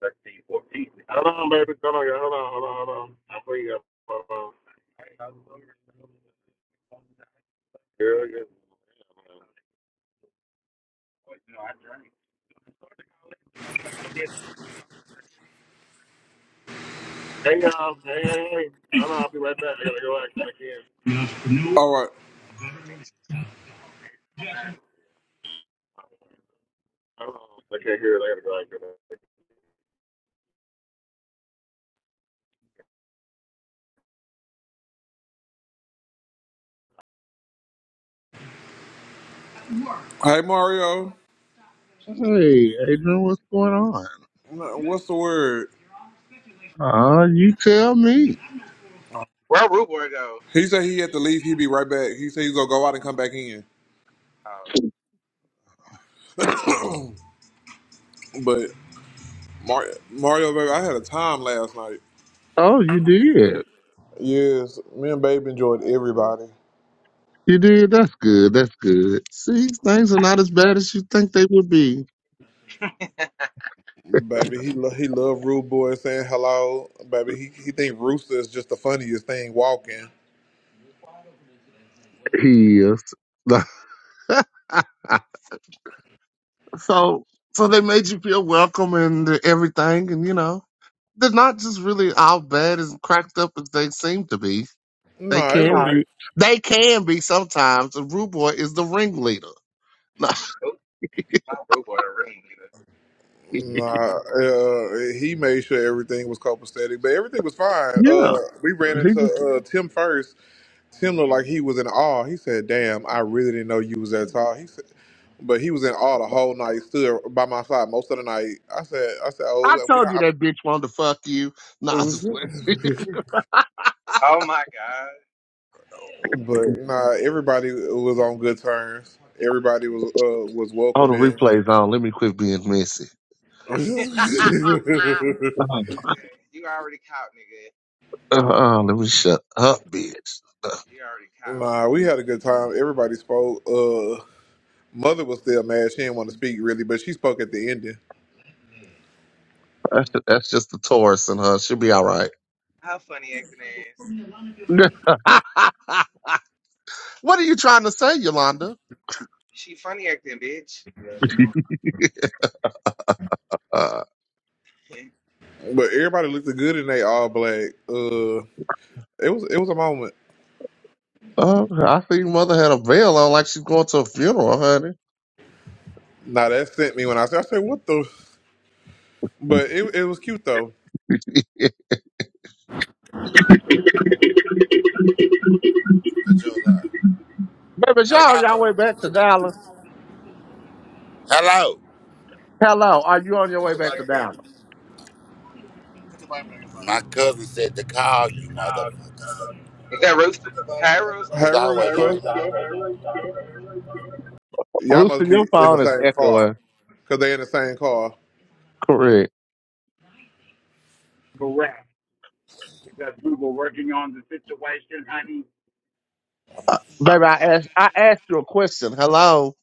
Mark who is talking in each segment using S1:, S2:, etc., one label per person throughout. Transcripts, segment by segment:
S1: 13, fourteen. Hold on, baby. Hold on, yeah. hold on, hold on, hold on. I'll bring you up. Hold on. Girl, you- Hang on, hang on, hang on. Hold on, I'll be right back. I gotta go out and come back in.
S2: All right.
S1: Hold on. I can't hear it. I gotta go out and come back. in.
S2: Hey Mario,
S3: Hey, Adrian, what's going on?
S2: what's the word?
S3: Ah, you tell me.
S4: Where root Boy go?
S2: He said he had to leave. He'd be right back. He said he's gonna go out and come back in.
S4: Oh,
S2: But Mario, Mario, baby, I had a time last night.
S3: Oh, you did.
S2: Yes, me and Babe enjoyed everybody.
S3: You did. That's good. That's good. See, things are not as bad as you think they would be.
S2: Baby, he lo- he loved Rude Boy saying hello. Baby, he he think Rooster is just the funniest thing walking.
S3: He is. so, so they made you feel welcome and everything, and you know, they're not just really all bad as cracked up as they seem to be. They
S2: Nah, it
S3: can
S2: was
S3: be. They can be sometimes. And Rude Boy is the ringleader.
S4: oh, not Rude Boy, a ring leader.
S2: nah. Uh, he made sure everything was copacetic, but everything was fine. Uh, we ran
S3: Yeah,
S2: into uh Tim first. Tim looked like he was in awe. He said, "Damn, I really didn't know you was that tall." He said, but he was in awe the whole night. He Stood by my side most of the night. I said, "I said, oh,
S3: I
S2: we." we
S3: told you
S2: are.
S3: that bitch wanted to fuck you. Nah, I just went.
S4: Oh my God.
S2: but nah, everybody was on good terms. Everybody was uh, was
S3: Oh, the
S2: welcoming.
S3: replay's on. Let me quit being messy. Uh-uh.
S4: you already caught, nigga.
S3: Uh-uh, let me shut up, bitch.
S4: You already caught.
S2: nah, we had a good time. Everybody spoke. Uh, mother was still mad. She didn't want to speak really, but she spoke at the ending.
S3: That's just, that's just the Taurus in her. She'll be all right.
S4: How funny acting ass.
S3: what are you trying to say, Yolanda?
S4: She funny acting, bitch.
S3: uh,
S2: But everybody looked good in they all black. Uh, it was it was a moment.
S3: oh, I think mother had a veil on like she's going to a funeral, honey.
S2: Now that sent me when I said, I said, what the? But it, it was cute though.
S3: Baby,
S5: Judah.
S3: y'all on your
S5: Hello.
S3: way back to Dallas.
S5: Hello.
S3: Hello, are you on your way back to Dallas?
S5: My cousin said to call you, motherfuckers.
S4: Is that Rooster? Hey, Rooster.
S5: It's
S2: Hey Rooster,
S5: always on.
S2: y'all
S3: Lucy,
S2: must be
S3: your
S2: in the
S3: phone is
S2: same car
S3: echoing.
S2: because they in the same car.
S3: Correct.
S1: Correct. Because we were working on the situation, honey,
S3: Uh, baby, I asked I asked you a question. Hello.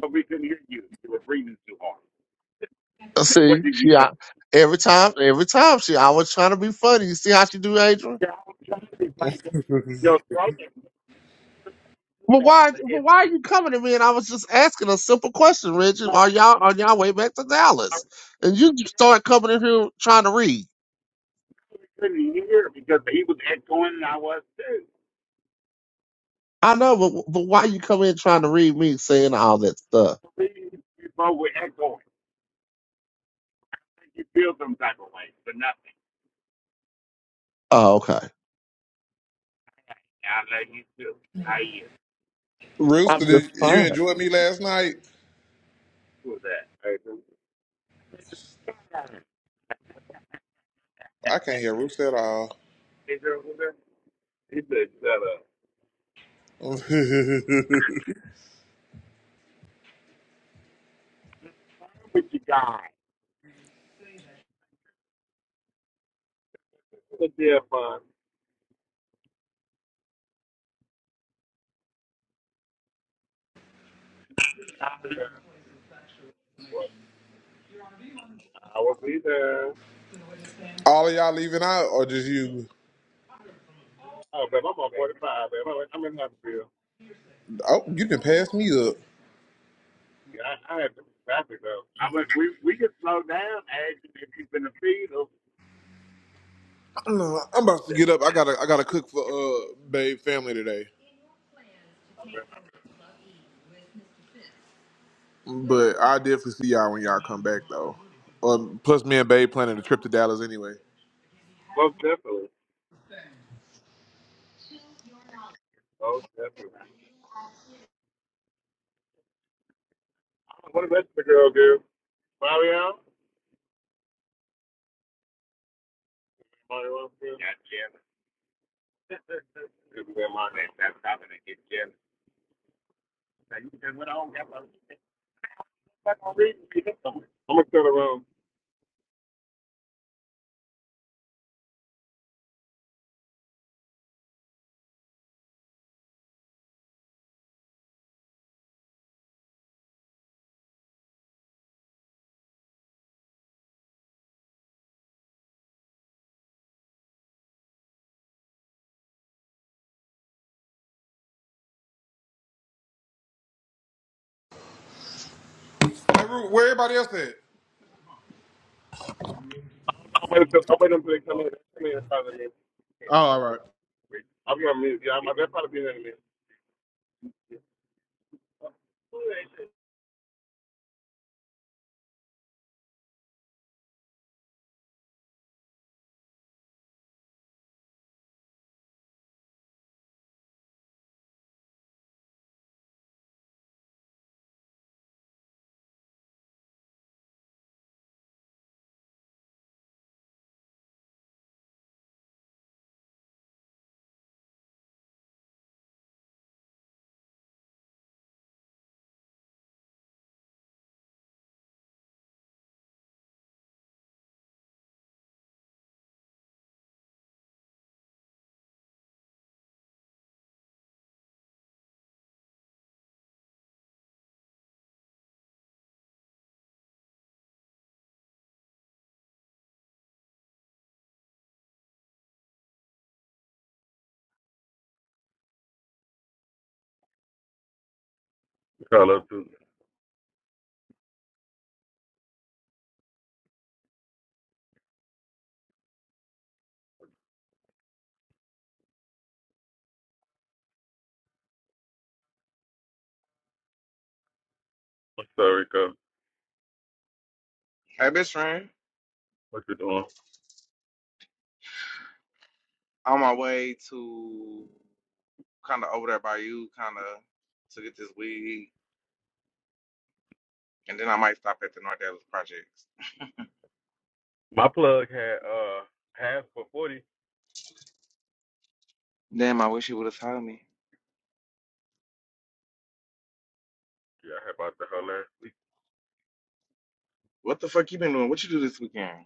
S1: but we couldn't hear you. You were breathing too hard.
S3: Uh,
S1: Now, what
S3: See,
S1: did you
S3: she
S1: say?
S3: I, every time every time she I was trying to be funny. You see how she do, Adrian?
S1: Yeah, I was trying to find a good- Your throat and you
S3: But
S1: sound
S3: why
S1: like
S3: but why are you coming to me and I was just asking a simple question, Reggie? Are
S1: it's-
S3: y'all on y'all way back to Dallas? And you just start coming in here trying to read.
S1: couldn't hear because he was echoing and I was too.
S3: I know, but but why you come in trying to read me saying all that stuff?
S1: We, we both were echoing. You feel some type of way for nothing.
S3: Oh, okay.
S1: I let you feel. it. I hear.
S3: I'm
S2: Rooster,
S3: just
S2: did you
S3: fine.
S2: enjoy me last night?
S1: Who was that? Hey, who- Hey,
S2: I can't hear Rooster at all.
S1: who that? He said, shut up. What you got? What's your deal, fun? I was either.
S2: all of y'all leaving out or just you?
S1: Oh, babe, I'm on 45, babe. I'm in Huntsville.
S2: Oh, you can pass me up.
S1: Yeah, I, I had some traffic, though. I mean, we, we can slow down, as if you've been a feed.
S2: No, I'm about to get up. I gotta I gotta cook for uh Babe family today. But I definitely see y'all when y'all come back though. Um, plus, me and Babe planning a trip to Dallas anyway.
S1: Most definitely. Most definitely. What did the girl do? Mario? Mario. Got jealous. This is where my name. That's how they get jealous. Now you can went on. Got my fuck on reading. You somewhere. I'm gonna turn around.
S2: Hey, Ru, where everybody else at?
S1: I'm waiting until I'm waiting until they come in. Come in and probably. in. i
S2: Oh, all right.
S1: am gonna miss you. I'm. They'll probably be in a minute.
S6: Carlos, I'm sorry, cuz.
S4: Hey, best friend.
S6: What you doing?
S4: On my way to kind of over there by you, kind of to get this weed. And then I might stop at the North Dallas Projects.
S6: My plug had uh half for forty.
S4: Damn, I wish you would have told me.
S6: Yeah, I had about the her last week.
S4: What the fuck you been doing? What you do this weekend?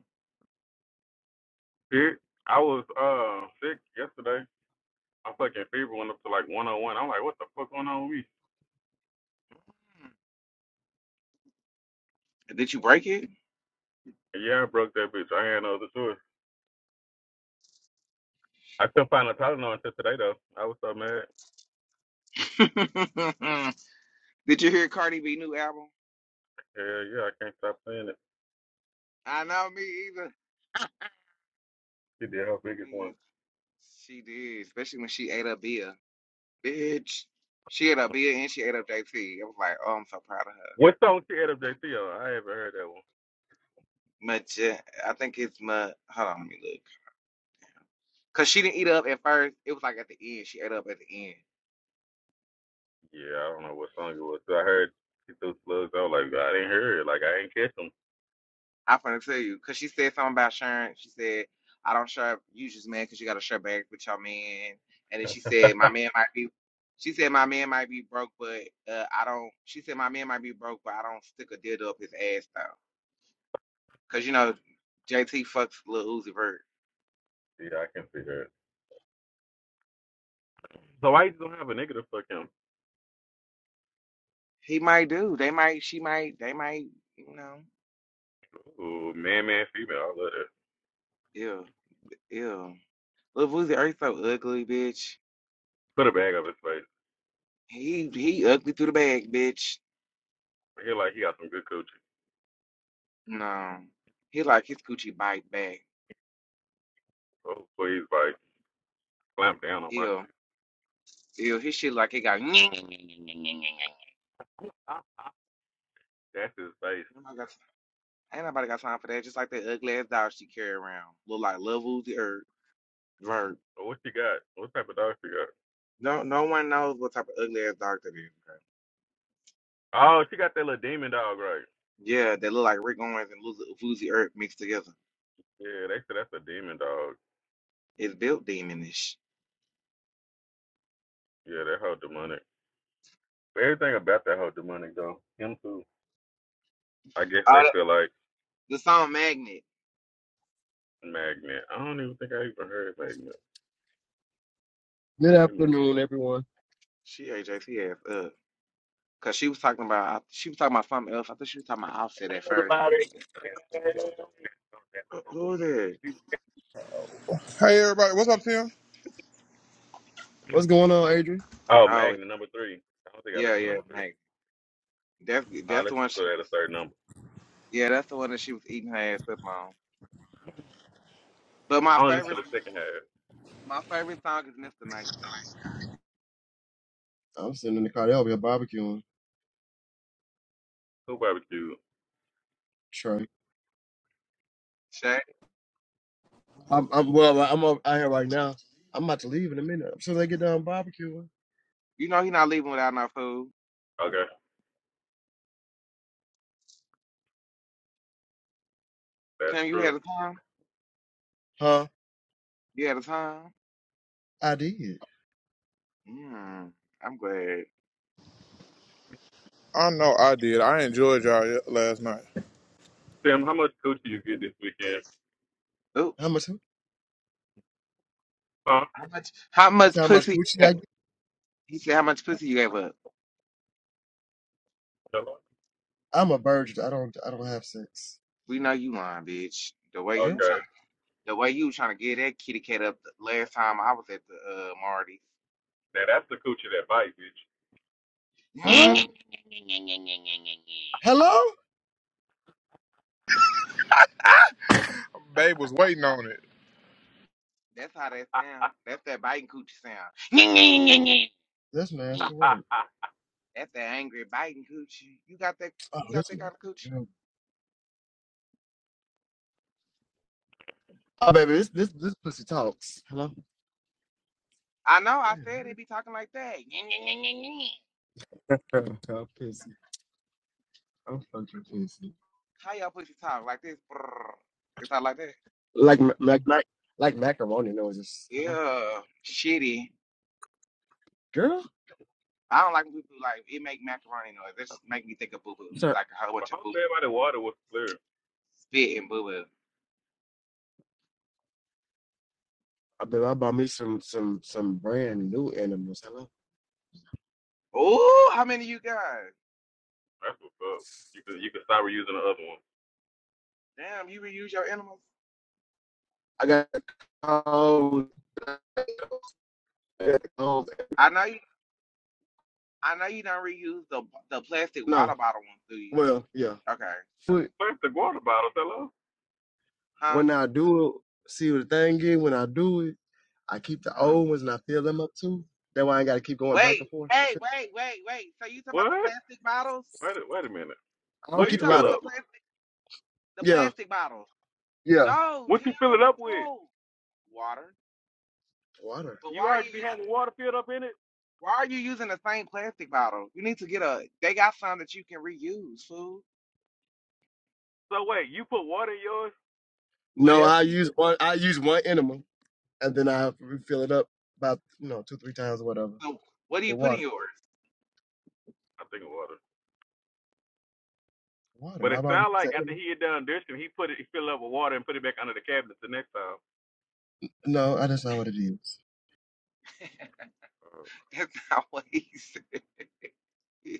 S6: Dude, I was uh sick yesterday. My fucking fever went up to like one oh one. I'm like, what the fuck going on with me?
S4: Did you break it?
S6: And yeah, I broke that bitch. I had no other choice. I couldn't find a Tylenol until today though. I was so mad.
S4: Did you hear Cardi B new album?
S6: Hell yeah, I can't stop saying it.
S4: I know me either.
S6: She did her
S4: Me
S6: biggest one.
S4: either. She did, especially when she ate up Bia. Bitch. She ate up
S6: Uh,
S4: Bia and she ate up JT. I was like, oh, I'm so proud of her.
S6: what song she had up JT on? I haven't heard that one.
S4: Much, I think it's my. Hold on, let me look. Cause she didn't eat up at first. It was like at the end. She ate up at the end.
S6: Yeah, I don't know what song it was. I heard she threw slugs. I was like, I didn't hear it. Like I ain't catch catch 'em.
S4: I'm gonna tell you, cause she said something about sharing. She said, "I don't share usually, man, cause you gotta share bags with your man." And then she said, "My man might be," she said, "My man might be broke, but uh, I don't." She said, "My man might be broke, but I don't stick a dildo up his ass though, cause you know, JT fucks little Uzi Vert.
S6: Yeah, I can see that. So why you don't have a nigga to fuck him?
S4: He might do. They might. She might. They might. You know.
S6: Ooh, man, man, female. I love that.
S4: Ew. Ew. Lil Uzi Vert so ugly, bitch.
S6: Put a bag up his face.
S4: He he ugly through the bag, bitch.
S6: He like he got some good coochie.
S4: No, he like his coochie bite back.
S6: Oh, please, like clamp down on my
S4: Ew.
S6: shit.
S4: Ew, his shit like it got.
S6: Ah, That's his face.
S4: Ain't nobody got time for that. Just like that ugly ass dog she carry around, look like Lil Uzi or Vert.
S6: Oh, what she got? What type of dog she got?
S4: No, no one knows what type of ugly ass dog that is. bro.
S6: Oh, she got that little demon dog, right?
S4: Yeah, they look like Rick Owens and Lil Uzi Earth mixed together.
S6: Yeah, they said that's a demon dog.
S4: It's built demonish.
S6: Yeah, that whole demonic. Everything about that whole demonic though. Him too. I guess
S4: Oh,
S6: they
S4: that-
S6: feel like
S4: the song Magnet.
S6: magnet. I don't even think I even heard magnet.
S7: Good
S6: Let me
S7: afternoon,
S6: see.
S7: everyone.
S4: She AJC ass up. Cause she was talking about she was talking about something else. I think she was talking about Offset at
S1: Hey,
S4: first.
S1: everybody. Hey,
S4: Who who was that?
S2: Hey, everybody. What's up, Tim?
S7: What's going on, Adrian?
S6: Oh,
S4: Oh,
S6: magnet number three. I don't think I
S4: yeah,
S6: listened to
S4: yeah,
S6: number three.
S4: Magnet. That's
S6: I
S4: that's the
S6: listen
S4: one
S6: to
S4: she
S6: that a
S4: was.
S6: certain number.
S4: Yeah, that's the one that she was eating her ass up on. But my
S6: I only listen
S4: favorite,
S6: to the second half.
S4: my favorite song is Mr. Nice Guy.
S7: I'm sitting in the car. They over here barbecuing.
S6: Two barbecue.
S7: Trey.
S4: Shay,
S7: I'm, I'm well. I'm up out here right now. I'm about to leave in a minute. As soon as I get done barbecuing,
S4: you know he not leaving without no food.
S6: Okay, that's
S4: Tim, you
S6: true.
S4: had a time.
S7: huh?
S4: You had a time.
S7: I did.
S4: Mm, I'm glad.
S2: I know I did. I enjoyed y'all y- last night.
S6: Tim, how much coochie you get this weekend?
S4: Oh,
S7: How much? You
S6: Huh?
S4: how much? How much
S7: see how much
S4: pussy?
S7: coochie I
S4: He said, "How much
S7: get?
S4: pussy you gave up?"
S6: Hello?
S7: I'm a virgin. I don't. I don't have sex.
S4: We know you lying, bitch. The way you
S7: Girl.
S6: Okay.
S4: trying, the way you trying to get that kitty cat up. The last time I was at the uh, Marty.
S6: Now that's the coochie that bite, bitch.
S7: Hello. Hello.
S2: Babe was waiting on it.
S4: That's how that sound. That's that biting coochie
S7: That's
S4: sound.
S7: nasty word.
S6: but
S4: That's that angry biting cooch. You got that?
S7: Oh,
S4: You got
S7: that's
S4: that kind
S7: nasty.
S4: of cooch?
S7: Girl. Oh, baby, this this this pussy talks. Hello.
S4: I know. I
S7: Damn,
S4: said
S7: what
S4: they be talking like that.
S7: is- I'm pissy. I'm fucking pissy.
S4: How y'all pussy talk like this? Brrr. They talk like that.
S7: Like ma- mac, mac, like macaroni noises. Hello.
S4: Yeah, shitty.
S7: Girl,
S4: I don't like boo boo. Like it make macaroni noise. That just make me think of boo boo.
S7: so
S4: Like a whole bunch of boo boo
S6: hopefully everybody water was clear.
S4: spit and boo boo.
S7: I bet I bought me some some some brand new animals. Hello,
S4: Oh, how many you got?
S6: That's what's up. You could you could start reusing the other one.
S4: Damn, you reuse your animals.
S7: I got a cold. I got a cold.
S4: I know you. I know you don't reuse the the plastic water
S7: No,
S4: bottle ones, do you?
S7: well, yeah.
S4: Okay.
S7: But
S6: Where's the water bottle, hello?
S4: Huh?
S7: When I do it, see what the thing is. When I do it, I keep the
S4: Uh huh.
S7: old ones and I fill them up too. That why I got to keep going back
S4: Wait,
S7: and forth. to
S4: wait,
S7: fill-
S4: wait, wait, wait. So you talking about the
S6: What?
S4: plastic bottles?
S6: Wait a, wait a minute.
S7: I
S6: What
S7: don't
S4: Are
S6: do
S4: you
S6: you
S7: keep a
S4: talking
S6: fill
S7: lot
S4: about
S7: of
S4: the
S6: up?
S7: them.
S4: plastic the
S7: Yeah,
S4: plastic bottles?
S7: yeah.
S4: No,
S6: What
S4: Tim,
S6: you fill it up with?
S4: no. Water.
S7: Water.
S4: But why
S6: You
S4: are you
S6: already be
S4: using
S6: having water filled up in it?
S4: why are you using the same plastic bottle? You need to get a they got some that you can reuse, fool.
S6: So wait, you put water in yours?
S4: What
S7: No,
S4: else
S7: I
S4: do you
S7: use one. I use one animal and then I refill it up about you know two three times or whatever
S4: so what do you
S7: with
S4: put in
S7: water.
S4: yours?
S6: I think of water. But
S7: Water.
S6: it
S7: I've already
S6: sounded like
S7: said.
S6: after he had done this, he put it, he filled it up with water and put it back under the cabinet the next time.
S7: No, I- that's not what it is.
S6: Uh,
S4: That's not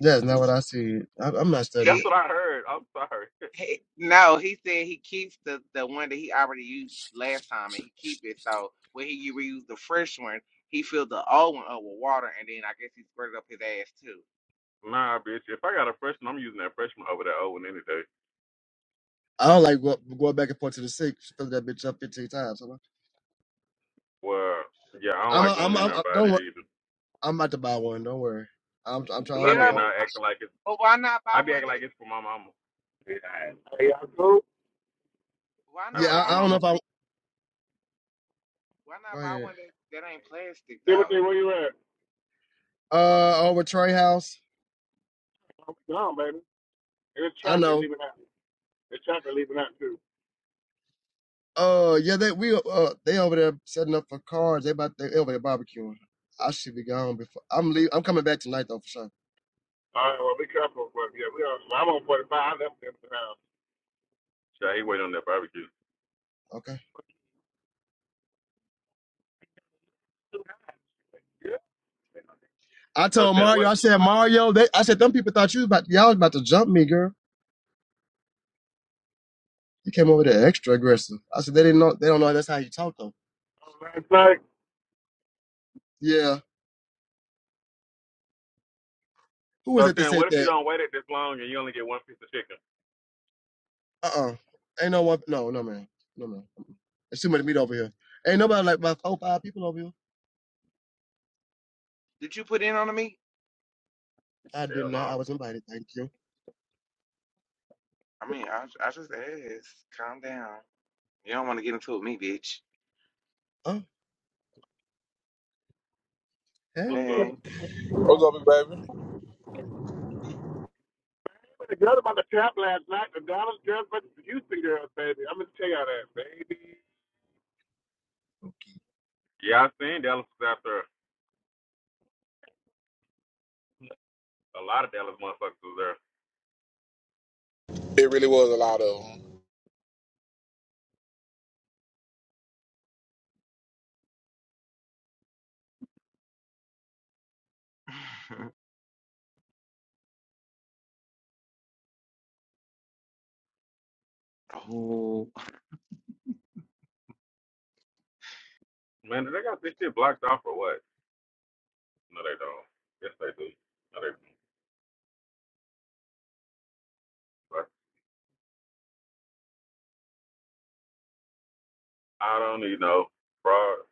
S7: That's not what I said. I, I'm not studying.
S6: That's
S7: it.
S6: what I heard. I'm sorry.
S4: He, no, he said he keeps the, the one that he already used last time and he keep it. So when he reused the fresh one, he filled the old one up with water and then I guess he squirted up his ass too.
S6: nah, bitch. If I got a freshman, I'm using that freshman over that old one any day.
S7: I don't like go, going back and forth to the six, fill that bitch up 15 times.
S6: Well, yeah, I don't
S7: I'm, I'm,
S6: like going
S7: I'm,
S6: in
S7: I'm,
S6: there
S7: I'm
S6: buying
S7: don't
S6: it
S7: worry.
S6: either.
S7: I'm about to buy one. Don't worry. I'm, I'm trying. I
S6: Cause I
S7: don't know
S6: be
S4: Yeah,
S7: if
S6: in
S7: I'm.
S6: there acting like it's,
S4: but why not
S6: I
S4: buy
S6: be
S4: one
S6: acting like
S4: that
S6: it's for my mama.
S1: y'all cool?
S4: why
S6: I be
S4: not
S7: Yeah,
S6: like,
S4: buy
S6: my
S7: I, I
S4: one
S7: don't know
S6: mama,
S7: if I'm.
S4: why
S7: Go
S4: not buy
S7: ahead.
S4: one that, that ain't plastic
S1: Timothy,
S4: though?
S1: where you at?
S7: Uh, over Trey House.
S1: I'm gone, baby. It's
S7: I
S1: traffic
S7: know.
S1: leaving out. It's traffic leaving out too.
S7: Uh, yeah, they we uh they over there setting up for cars. They about they over there barbecuing. I should be gone before I'm leave. I'm coming back tonight though for sure.
S1: All right, well, be careful, but yeah, we are. I'm on 45. I left them now.
S6: shit, I hate waiting on that barbecue.
S7: Okay.
S1: Yeah.
S7: I
S6: So
S7: told
S6: then
S7: Mario.
S6: what?
S7: I said Mario. They. I said them people thought you was about y'all was about to jump me, girl. He came over there extra aggressive. I said, they didn't know. They don't know that's how you talk though.
S1: Oh, Last night,
S7: Yeah. Who was
S6: So
S7: it that
S6: then
S7: said
S6: what if you
S7: that?
S6: don't wait it this long and you only get one piece of chicken?
S7: Uh uh Ain't no one. No, no man. No man. There's too much meat over here. Ain't nobody like about four, five people over here.
S4: Did you put in on me?
S7: I did
S6: Hell no.
S7: not. I was invited. Thank you.
S4: I mean, I, I just asked. Calm down. You don't want to get into it with me, bitch.
S7: Oh, hey.
S6: What's
S8: Yep.
S6: up?
S4: Hey.
S2: What's up, baby?
S1: the girl about the trap last night, the Dallas girls versus the Houston girls, baby. I'm gonna tell y'all that, baby.
S6: Yeah, I seen Dallas was after a lot of Dallas motherfuckers was there.
S2: It really was a lot of them.
S4: oh.
S6: Man, did they got this shit blocked off or what? No, they don't. Yes, they do. No, they don't. But I don't need no fraud.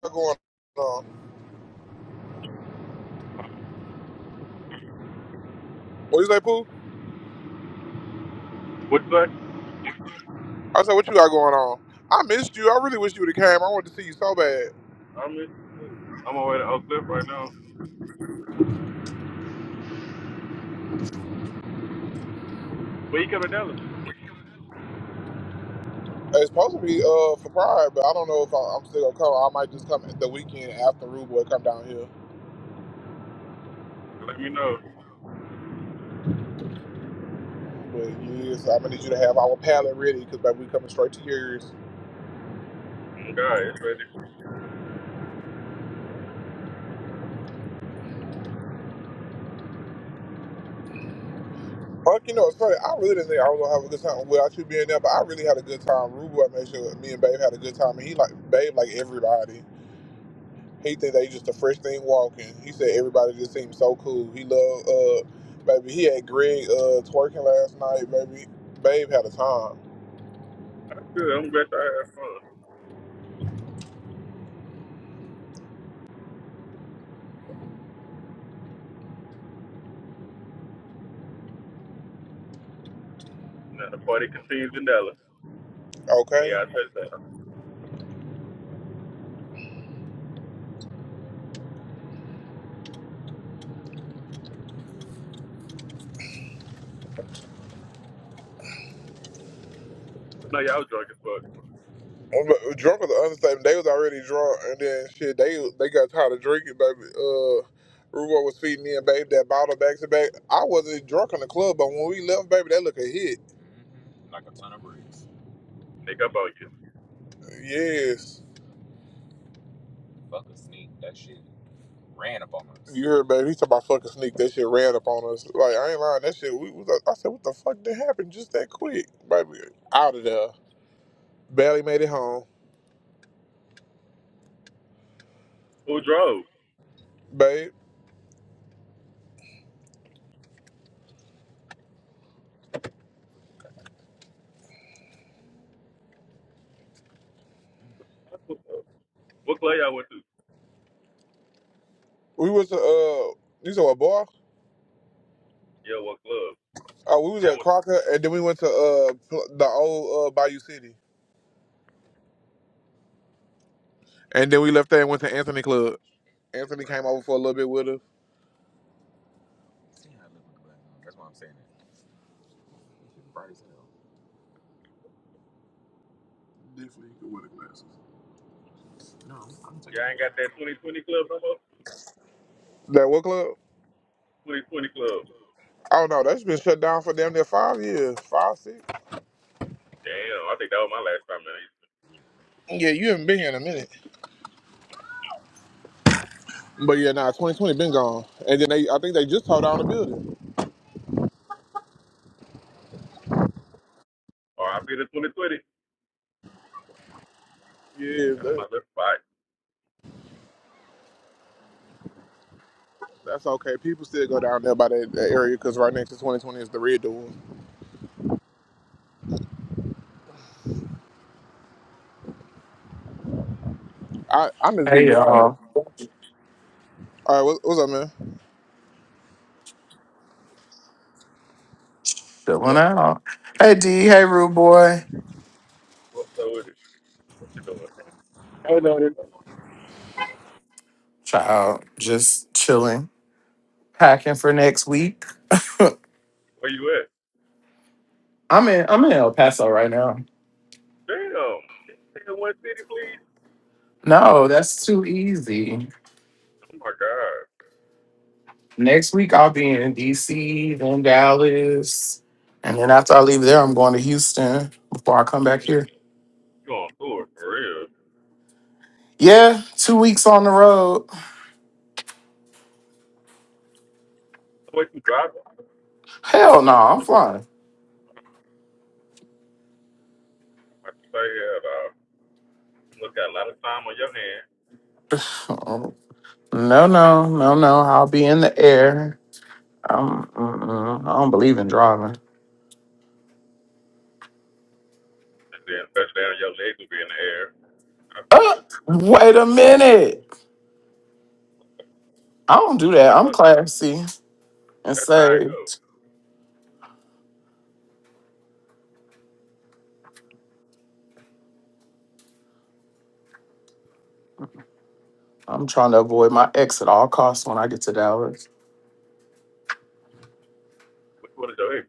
S2: What going on? What you say, Pooh?
S6: What's that?
S2: I said, what you got going on? I missed you. I really wish you would have came. I wanted to see you so bad.
S6: I miss you too. I'm on my way to Oak Cliff right now. When you come to Dallas,
S2: It's supposed to be uh for Pride, but I don't know if I, I'm still gonna come. I might just come at the weekend after Rude Boy come down here.
S6: let me know.
S2: But yes, I'm gonna need you to have our palette ready because baby, we coming straight to yours.
S6: Oh, God, it's ready.
S2: Mark, you know, it's funny. I really didn't think I was gonna have a good time without you being there, but I really had a good time. Rubo, I made sure me and Babe had a good time, and he like Babe like everybody. He think they just the fresh thing walking. He said everybody just seemed so cool. He loved uh, baby. He had Greg uh twerking last night, baby. Babe had a time.
S6: I'm good. I'm glad I had fun. Now the party continues in Dallas when
S2: Okay.
S6: y'all touch down. I know y'all was drunk as fuck.
S2: Um, but Drunk was the understatement. They was already drunk, and then shit, they they got tired of drinking, baby. Uh, Rubo was feeding me and Babe that bottle back to back. I wasn't drunk in the club, but when we left, baby, that look a hit.
S6: Nick up on you.
S2: Yes. You heard, baby. He talking about fucking sneak. That shit ran up on us. Like, I ain't lying. That shit, we was like, I said, what the fuck that happened just that quick? Baby, out of there. Barely made it home.
S6: Who drove?
S2: Babe,
S6: What club y'all went to?
S2: we was to, uh, you said what, bar?
S6: Yeah, what club?
S2: Oh, we was
S6: Y'all,
S2: at
S6: went,
S2: Crocker, and then we went to, uh, pl- the old, uh, Bayou City. And then we left there and went to Anthony Club. Anthony came over for a little bit with us. Definitely could wear glasses.
S6: y'all ain't got that 2020 club no more?
S2: That what club?
S6: 2020 club.
S2: I don't know. That's been shut down for damn near five years. Five, six?
S6: Damn, I think that was my last time in it.
S2: Yeah, you haven't been here in a minute. But yeah, nah, 2020 been gone, and then they I think they just tore down the building.
S6: RIP to 2020.
S2: Yeah,
S6: That was
S2: that,
S6: my last fight.
S2: that's okay. People still go down there by that, that area because right next to 2020 is the red door. I I miss
S9: Hey
S2: Big Y'all.
S9: y'all,
S2: All right, what, what's up, man?
S9: chilling out. Hey D, hey rude boy,
S6: What's up with it? What you doing?
S1: I know that.
S9: child, just chilling, packing for next week.
S6: Where you at?
S9: I'm in, I'm in El Paso right now.
S6: Damn. Can you stay in one city, please?
S9: No, that's too easy.
S6: Oh my God.
S9: Next week I'll be in DC, then Dallas, and then after I leave there, I'm going to Houston before I come back
S6: You
S9: here.
S6: on tour for real?
S9: Yeah, two weeks on the road.
S6: What you driving?
S9: Hell no, I'm flying.
S6: I say, uh, you must got a lot of time on your hand,
S9: No, no, no, no. I'll be in the air. I'm, mm-mm, I don't believe in driving.
S6: and then especially down your legs will be in the air. I feel
S9: Uh,
S6: it.
S9: wait a minute. I don't do
S6: I
S9: that. I'm
S6: thought
S9: classy and
S6: that's how it goes.
S9: saved. I'm trying to avoid my ex at all costs when I get to Dallas.
S6: Which one is your ex?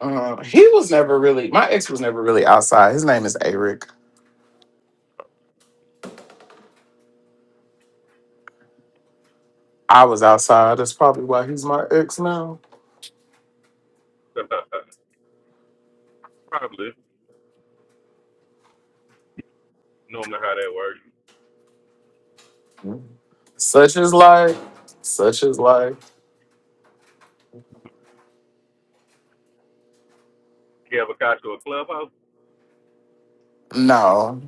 S9: Uh, he was never really, my ex was never really outside. His name is Eric. I was outside. That's probably why he's my ex now.
S6: Probably. Normally how that works.
S9: Such is life. Such is life.
S6: You ever got to a clubhouse?
S9: No.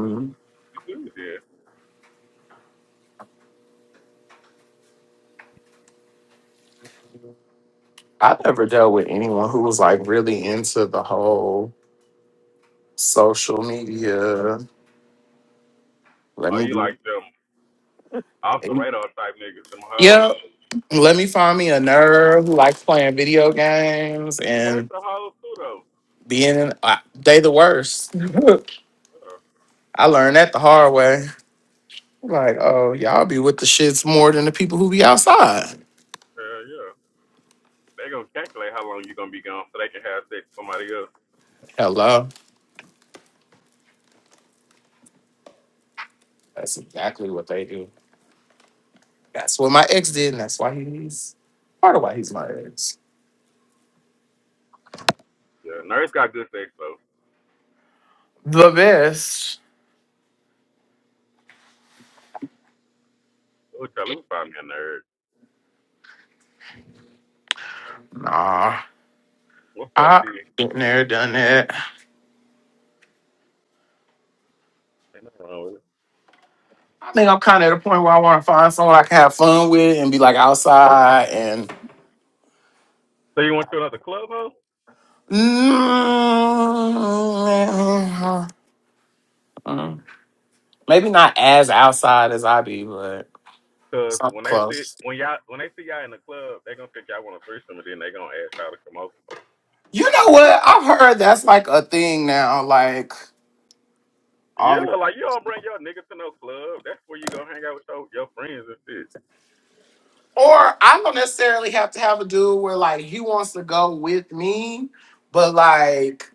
S6: Well, You do then.
S9: I never dealt with anyone who was like really into the whole social media. Let
S6: Are
S9: me
S6: you like
S9: get.
S6: them off the radar type niggas, them
S9: Yep.
S6: hoes?
S9: Let me find me a nerd who likes playing video games
S6: There's
S9: and
S6: some hoes too though.
S9: being uh, they the worst.
S6: Yeah,
S9: I learned that the hard way. Like, oh, y'all be with the shits more than the people who be outside.
S6: yeah, yeah. they gonna calculate how long you gonna be gone so they can have sex with somebody else.
S9: Hello. That's exactly what they do. That's what my ex did, and that's why he's part of why he's my ex.
S6: Yeah, nerds got good sex though.
S9: The best.
S6: Oh, child, let me find me a nerd.
S9: Nah.
S6: What's up,
S9: I
S6: T?
S9: been there, done that.
S6: Ain't nothing wrong with it.
S9: I think I'm kind of at a point where I want to find someone I can have fun with and be like outside and
S6: So you went to another club, huh?
S9: Mm, Maybe not as outside as I be, but
S6: Cause
S9: something
S6: when they see
S9: close.
S6: when y'all when they see y'all in the club, they gonna think y'all want a threesome, and then they gonna ask y'all to come over.
S9: You know what? I've heard that's like a thing now. Like all the
S6: Yeah, like you don't bring your niggas to no club. That's where you gonna hang out with your, your friends and shit.
S9: or I don't necessarily have to have a dude where like he wants to go with me, but like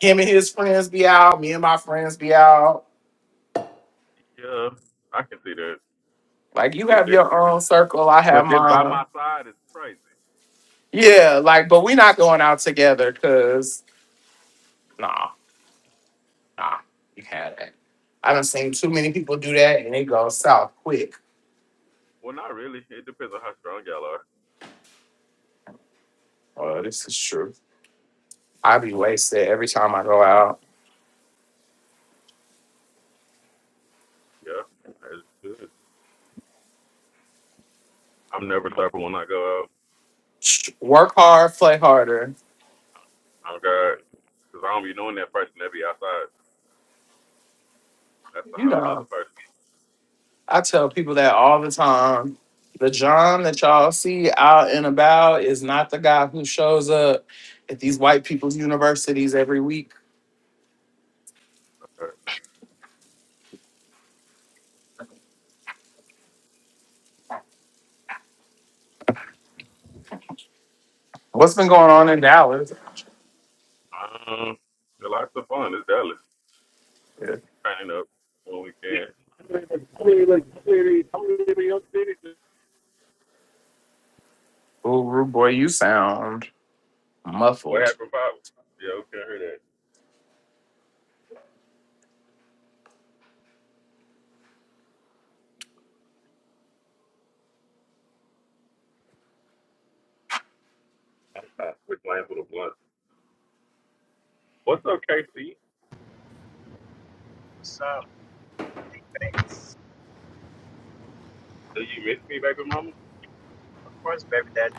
S9: him and his friends be out, me and my friends be out.
S6: Yeah, I can see that.
S9: Like you
S6: But
S9: have
S6: this
S9: your own circle, I have
S6: but this by my
S9: mine.
S6: side is crazy.
S9: Yeah, like but we not going out together because nah. Nah, you had that. I done seen too many people do that and it goes south quick.
S6: Well, not really. It depends on how strong y'all are.
S9: Well, this is true. I be wasted every time I go out.
S6: Yeah, that's good. I'm never slurping when I go out.
S9: Work hard, play harder.
S6: Oh God, because I don't be knowing that person that be outside. That's a
S9: You
S6: whole
S9: know,
S6: nother person.
S9: I tell people that all the time. The John that y'all see out and about is not the guy who shows up at these white people's universities every week. What's been going on in Dallas?
S6: Um, the lots of fun. It's Dallas.
S9: Yeah.
S6: Turning up when we can.
S1: I'm leaving I'm leaving your city. I'm leaving your city.
S9: Ooh, rude boy, you sound
S6: What
S9: muffled.
S6: happened, Pop? Yeah, we can hear that. Uh, Quick lane for the blunt. What's up, KC?
S10: What's up? Thanks.
S6: Do you miss me, baby mama?
S10: Of course, baby daddy.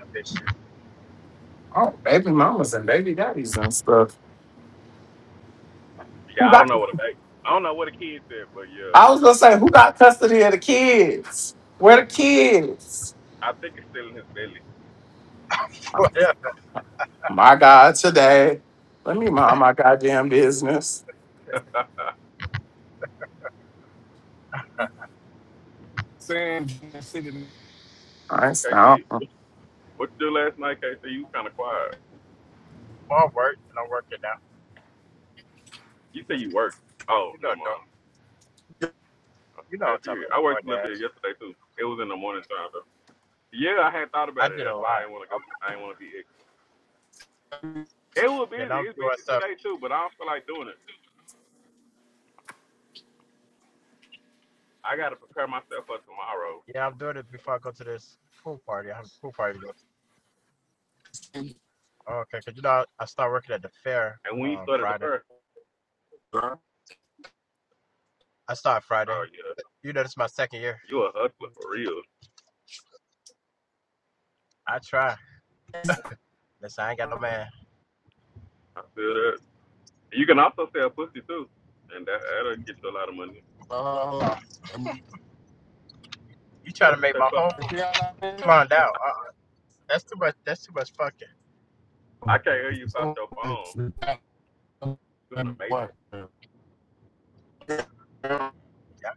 S10: I miss you.
S9: Oh, baby mamas and baby daddies and stuff.
S6: Yeah,
S9: Who
S6: I
S9: got?
S6: don't know what a baby. I don't know what a kid said, but yeah,
S9: I was gonna say, who got custody of the kids? Where the kids?
S6: I think it's still in his belly.
S10: What up?
S9: My God, today. Let me mind my goddamn business.
S1: San Diego City.
S9: I ain't
S6: KC,
S9: stop.
S6: what you do last night, KC? You kind of quiet.
S10: I'm working. I'm working now.
S6: You say you work. Oh,
S10: You
S6: no,
S10: know, do
S6: mind.
S10: you know
S6: Okay,
S10: what I'm
S6: period.
S10: talking
S6: I
S10: about,
S6: worked a little bit
S10: DoorDash.
S6: yesterday too. It was in the morning time though. Yeah, I had thought
S10: I
S6: about it.
S10: did a
S6: That's why I
S10: lot.
S6: didn't want to go.
S10: I'm,
S6: I didn't want to be ignorant. It was
S10: yeah, now
S6: busy.
S10: I'm
S6: It's
S10: doing
S6: busy
S10: stuff.
S6: today too, but I don't feel like doing it. I got to prepare myself for tomorrow.
S10: Yeah, I'm doing it before I go to this pool party. I have a pool party. to go to. Oh, okay, because you know, I, I start working at the fair
S6: And when you
S10: on
S6: started the
S10: Friday.
S6: first,
S1: girl.
S10: I start Friday.
S6: oh yeah,
S10: You know, this is my second year.
S6: you a hustler for real.
S10: I try. Listen, I ain't got no man.
S6: I feel that. You can also sell pussy too, and that that'll get you a lot of money.
S1: Uh, and
S10: You try
S6: What
S10: to
S6: did you
S10: make
S6: say,
S10: my
S6: Pop?
S10: home
S1: Mariana,
S10: plumbed out. Uh-uh. That's too much. That's too much fucking.
S6: I can't hear you past your phone. You in a
S1: and
S6: matrix.
S1: what?
S10: Yeah.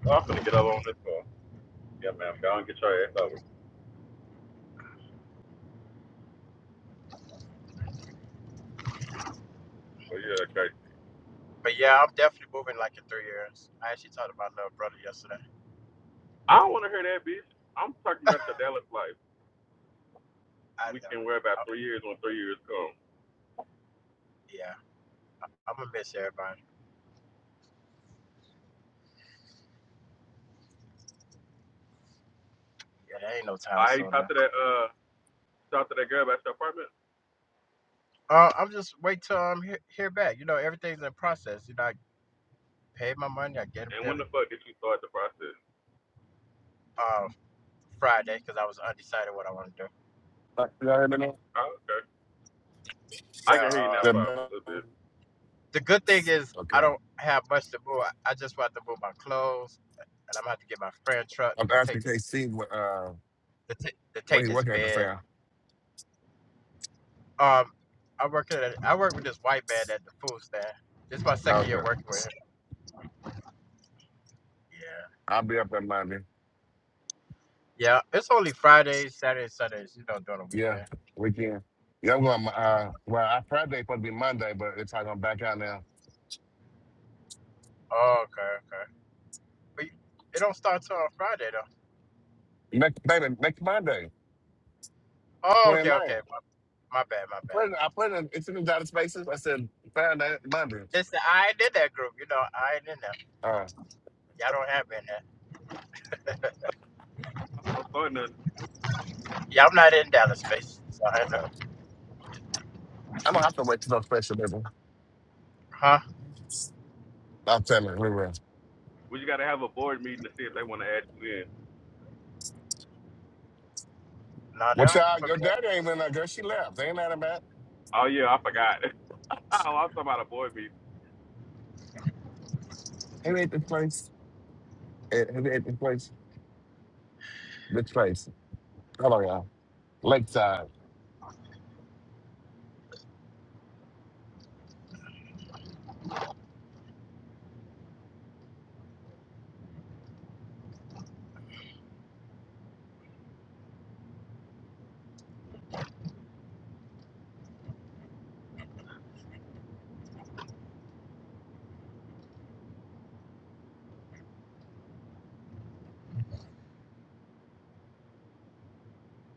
S6: Well, I'm gonna get up on this phone. Yeah, man. Go and get your ass over. Well, yeah, okay.
S10: But yeah, I'm definitely moving like in three years. I actually talked to my little brother yesterday.
S6: I don't want to hear that, bitch. I'm talking about the Dallas life.
S10: I
S6: We
S10: know.
S6: can worry about
S10: I'm,
S6: three years when three years come.
S10: yeah, I'm gonna miss everybody. Yeah, there ain't no time
S6: I ain't
S10: soon though.
S6: talked to that uh talked to that girl about your apartment.
S10: Uh, I'm just wait till I'm he- hear back. You know, everything's in process. You know, I paid my money. I get up
S6: And
S10: there
S6: when the fuck did you start the process?
S10: uh, Friday because I was undecided what I want to do.
S1: Like, y'all hear me now?
S6: Oh, okay. I
S10: Yeah.
S6: can hear you
S1: Is
S6: now,
S10: Uh,
S1: that
S6: Bob, a
S1: better?
S6: little bit.
S10: the good thing is
S1: Okay.
S10: I don't have much to move. I, I just want to move my clothes, and I'm gonna have to get my friend truck
S1: I'm
S10: to take
S1: asking
S10: this
S1: KC what.
S10: to, ta- to
S1: Where
S10: take
S1: he
S10: this
S1: working at the
S10: bed.
S1: fair?
S10: Um, I work at a, I work with this white man at the food stand. This is my second year
S1: Okay.
S10: working with him. Yeah.
S1: I'll be up on Monday.
S10: Yeah, it's only Fridays, Saturdays, Sundays. You don't do it on
S1: Yeah,
S10: weekend.
S1: weekend. Yeah, I'm going,
S10: Uh,
S1: uh, well, I Friday supposed to be Monday, but it's probably going to back out now.
S10: oh, okay, okay. But you- it don't start till on Friday though.
S1: Next, baby, next Monday,
S10: Oh, okay,
S1: 29. I
S10: okay. My, my bad, my
S1: put
S10: bad.
S1: it, I put it in, it's in the dotted spaces. I said Friday, Monday.
S10: It's I ain't in that group. You know, I ain't in there.
S1: Uh,
S10: Y'all don't have me in there.
S6: I'm so sorry, nothing.
S10: Yeah, I'm not in Dallas space. So I had to,
S1: gotcha. I'm going to have to wait till those special, baby.
S10: huh?
S1: I'm telling you, we will.
S6: We just gotta have a board meeting to see if they want to add you in.
S10: No, they
S1: What
S10: don't have to
S1: y'all,
S10: put me.
S1: your
S10: in.
S1: daddy ain't been there, girl. She left. They ain't that about.
S6: Oh yeah, I forgot. oh, I'm talking about a board meeting.
S1: Have He ate this place? Eh, Have ate this place? This place. Hello, y'all. Lakeside.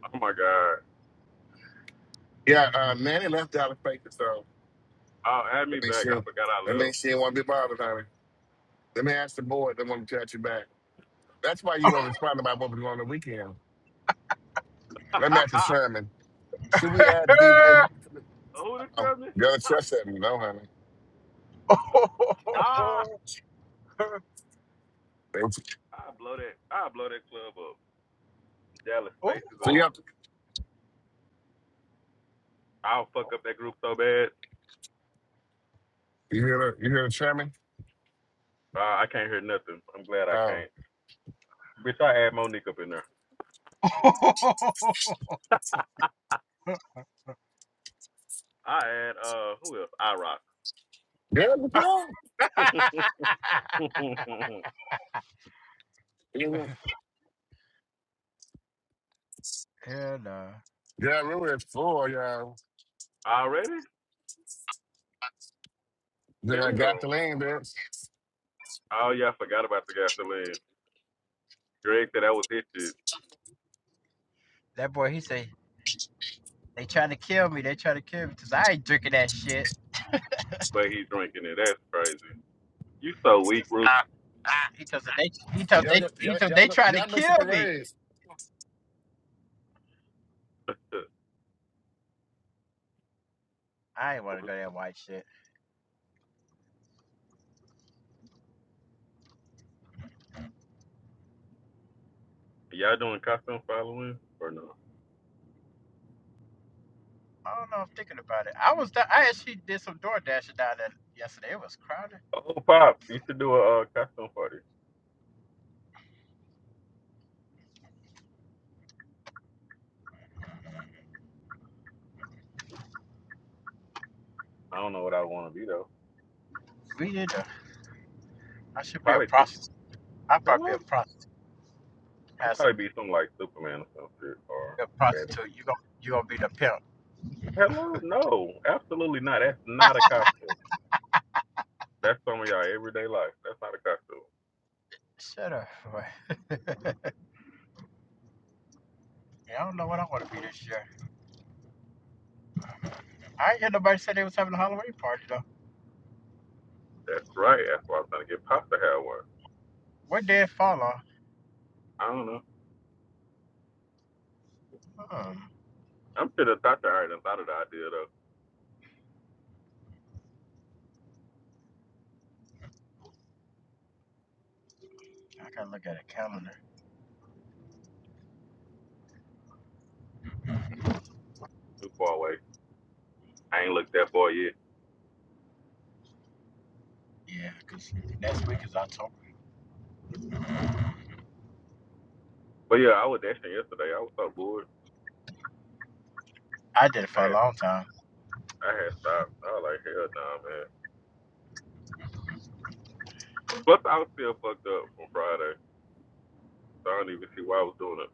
S6: Oh my god.
S1: Yeah, uh, Nanny left Dallas Spaces, so
S6: Oh, add
S1: That
S6: me
S1: makes
S6: back. I
S1: you
S6: forgot I
S1: that
S6: love.
S1: makes you want to be bothered, honey. Let me ask the board. They want to catch you back. That's why you weren't responding about what was going on the weekend. Let me ask the chairman. Should we add D Day to the
S6: Who the
S1: oh,
S6: trust me?
S1: the other chair said no, honey.
S6: ah,
S10: Ooh.
S1: They-
S6: I blow that. I blow that club up. Dallas spaces
S1: So
S6: up.
S1: you have to,
S6: I'll fuck up that group so bad.
S1: you hear the you hear the chairman?
S6: Uh, I can't hear nothing. I'm glad I
S1: Oh.
S6: can't. Bitch, I add Monique up in there. I add uh who else? I rock.
S1: Yeah, the girl. Yeah,
S10: Hell no.
S1: remember it's four, y'all.
S6: Already?
S1: Then I got
S6: Damn.
S1: the lane, bitch.
S6: Oh yeah, I forgot about the gasoline. Greg said that was his shit,
S10: That boy, he said They trying to kill me. They trying to kill me because I ain't drinking that shit.
S6: but he's drinking it. That's crazy. You so
S10: He
S6: weak,
S10: just
S6: Rooster.
S1: Ah, ah.
S10: he told they he told
S1: Y'all
S10: they
S1: go
S10: he
S1: y'all
S10: told
S1: y'all
S10: they
S1: go
S10: trying to
S1: y'all miss the
S10: kill me.
S1: parade.
S10: I ain't want to go that white shit.
S6: Y'all doing costume following or no?
S10: I don't know. I'm thinking about it. I was I actually did some door dashing down there yesterday. It was crowded.
S6: Oh Pop, you should do a uh, costume party. I don't know what I wanna be though.
S10: We did. A, I should be a
S6: Probably super
S10: prostitute. I probably be
S6: hello?
S10: a prostitute.
S6: I'd
S10: Have
S6: probably
S10: some
S6: be something like Superman or some shit or
S10: a
S6: Batman.
S10: prostitute. You gon' you gonna be the pimp.
S6: Hello? No, absolutely not. That's not a costume. That's some of y'all everyday life. That's not a costume.
S10: Shut up. boy. yeah, I don't know what I want to be this year. I ain't hear nobody say they was having a Halloween party though.
S6: That's right. That's why I'm trying to get Pop to have one.
S10: What day it fall on?
S6: I don't know.
S10: Hmm.
S6: I'm sure the doctor already done thought of the idea though.
S10: I gotta look at a calendar.
S6: Too far away. I ain't looked that far yet.
S10: Yeah, 'cause next week is October.
S6: But yeah, I was dashing yesterday. I was so bored.
S10: I did it
S6: I
S10: for a
S6: had
S10: long time.
S6: I had stopped. I was like, hell nah, man. Plus I was still fucked up from Friday. So I don't even see why I was doing it.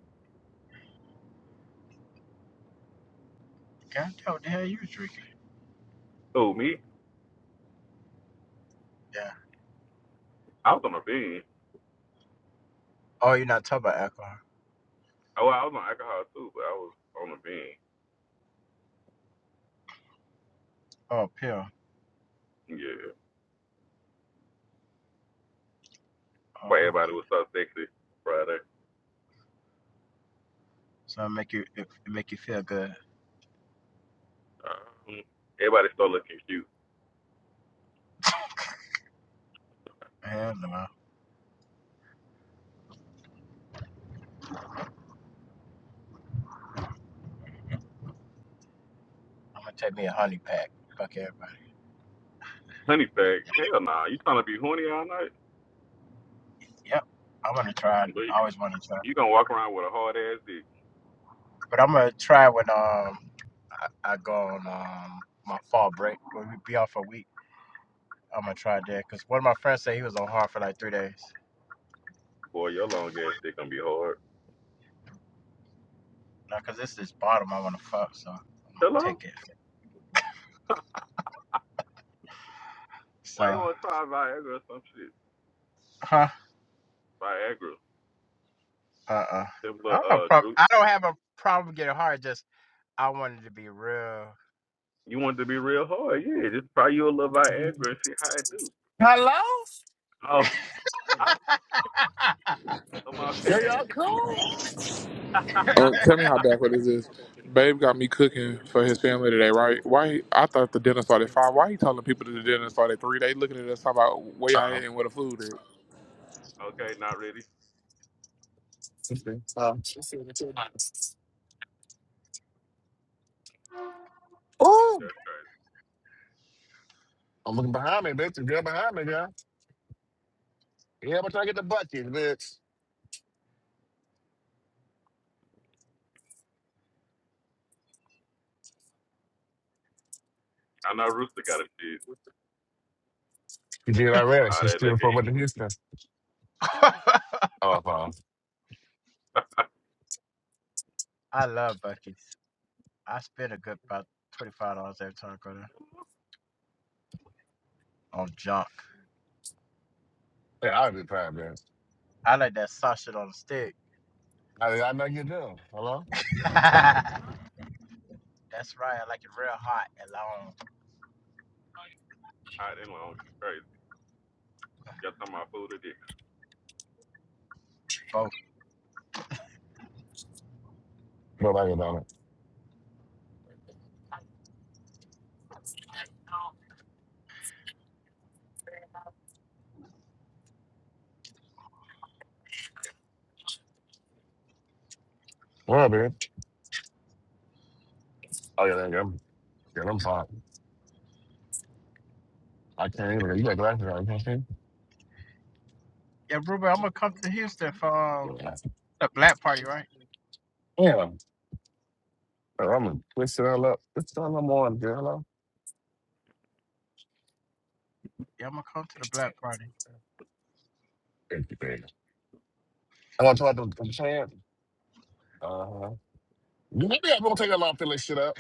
S10: God damn, what the hell you was drinking?
S6: Oh, me?
S10: Yeah.
S6: I was on a bean.
S10: Oh, you're not talking about alcohol.
S6: Oh, well, I was on alcohol too, but I was on a bean.
S10: Oh, pill.
S6: Yeah. But
S10: Oh,
S6: everybody
S10: okay.
S6: was so sexy Friday.
S10: So it make you it, make you feel good.
S6: Um, everybody start looking cute.
S10: Hell no. I'm gonna take me a honey pack. Fuck everybody.
S6: Honey sack, hell nah. You trying to be horny all night?
S10: Yep. I wanna try. it.
S6: But you,
S10: I always wanna try.
S6: you
S10: it.
S6: gonna walk around with a hard ass dick.
S10: But I'm gonna try when um I, I go on um my fall break. When we be off a week, I'm gonna try it there. 'Cause one of my friends said he was on hard for like three days.
S6: Boy, your long ass dick gonna be hard.
S10: Now, 'cause this is bottom I wanna fuck, so I'm gonna
S6: Hello?
S10: take it.
S6: Why you
S10: So
S6: wanna try Viagra or some shit?
S10: Huh?
S6: Viagra.
S10: Uh uh.
S6: Them
S10: I
S6: little,
S10: don't have a
S6: uh,
S10: problem.
S6: Drew,
S10: I don't have a problem getting hard. Just I wanted to be real.
S6: you want it to be real hard? Yeah, just try you a little Viagra and see how it do.
S1: Hello?
S6: Oh, ah, I'm off
S1: Yeah, y'all
S6: that.
S1: cool?
S2: Um, tell me how backward this is. Babe got me
S1: Um,
S2: cooking for his family today, right? Why? he- I thought the dinner started at five. Why he telling people that the dinner started at three? They looking at us talking about where y'all at and where the food is.
S6: okay, not really.
S1: um, Ooh,
S6: Just-
S1: I'm looking behind me, bitch. The girl behind me, girl. Yeah, but I get the bucket, bitch.
S6: I know Rooster got a shit.
S1: You did already.
S6: All
S1: She's
S6: that
S1: still
S6: liquor, he
S1: from the Houston. Oh, fine.
S10: I love Bucky's. I spend a good about twenty five dollars every time I go there on junk.
S1: Yeah, I'll be fine, bitch.
S10: I like that sausage on a stick.
S1: I, I know you do. Hello?
S10: That's right. I like it real hot and long.
S6: hot and long. It's crazy. Y'all talking about food or dick?
S10: Both.
S1: Nobody about it. Well, bitch. Oh, yeah, there you go. Yeah, I'm fine. I can't even. You got glasses on. You
S10: Yeah, Ruben, I'm gonna come to Houston for um,
S1: can't
S10: the black party,
S1: see?
S10: right?
S1: Yeah. Yeah. Bro, I'm gonna twist it all up. What's going on, girl?
S10: Yeah, I'm gonna come to the black party.
S1: Thank you, baby. I want to talk about the chance. Uh huh. You maybe I'm gonna take a long fillet shit up.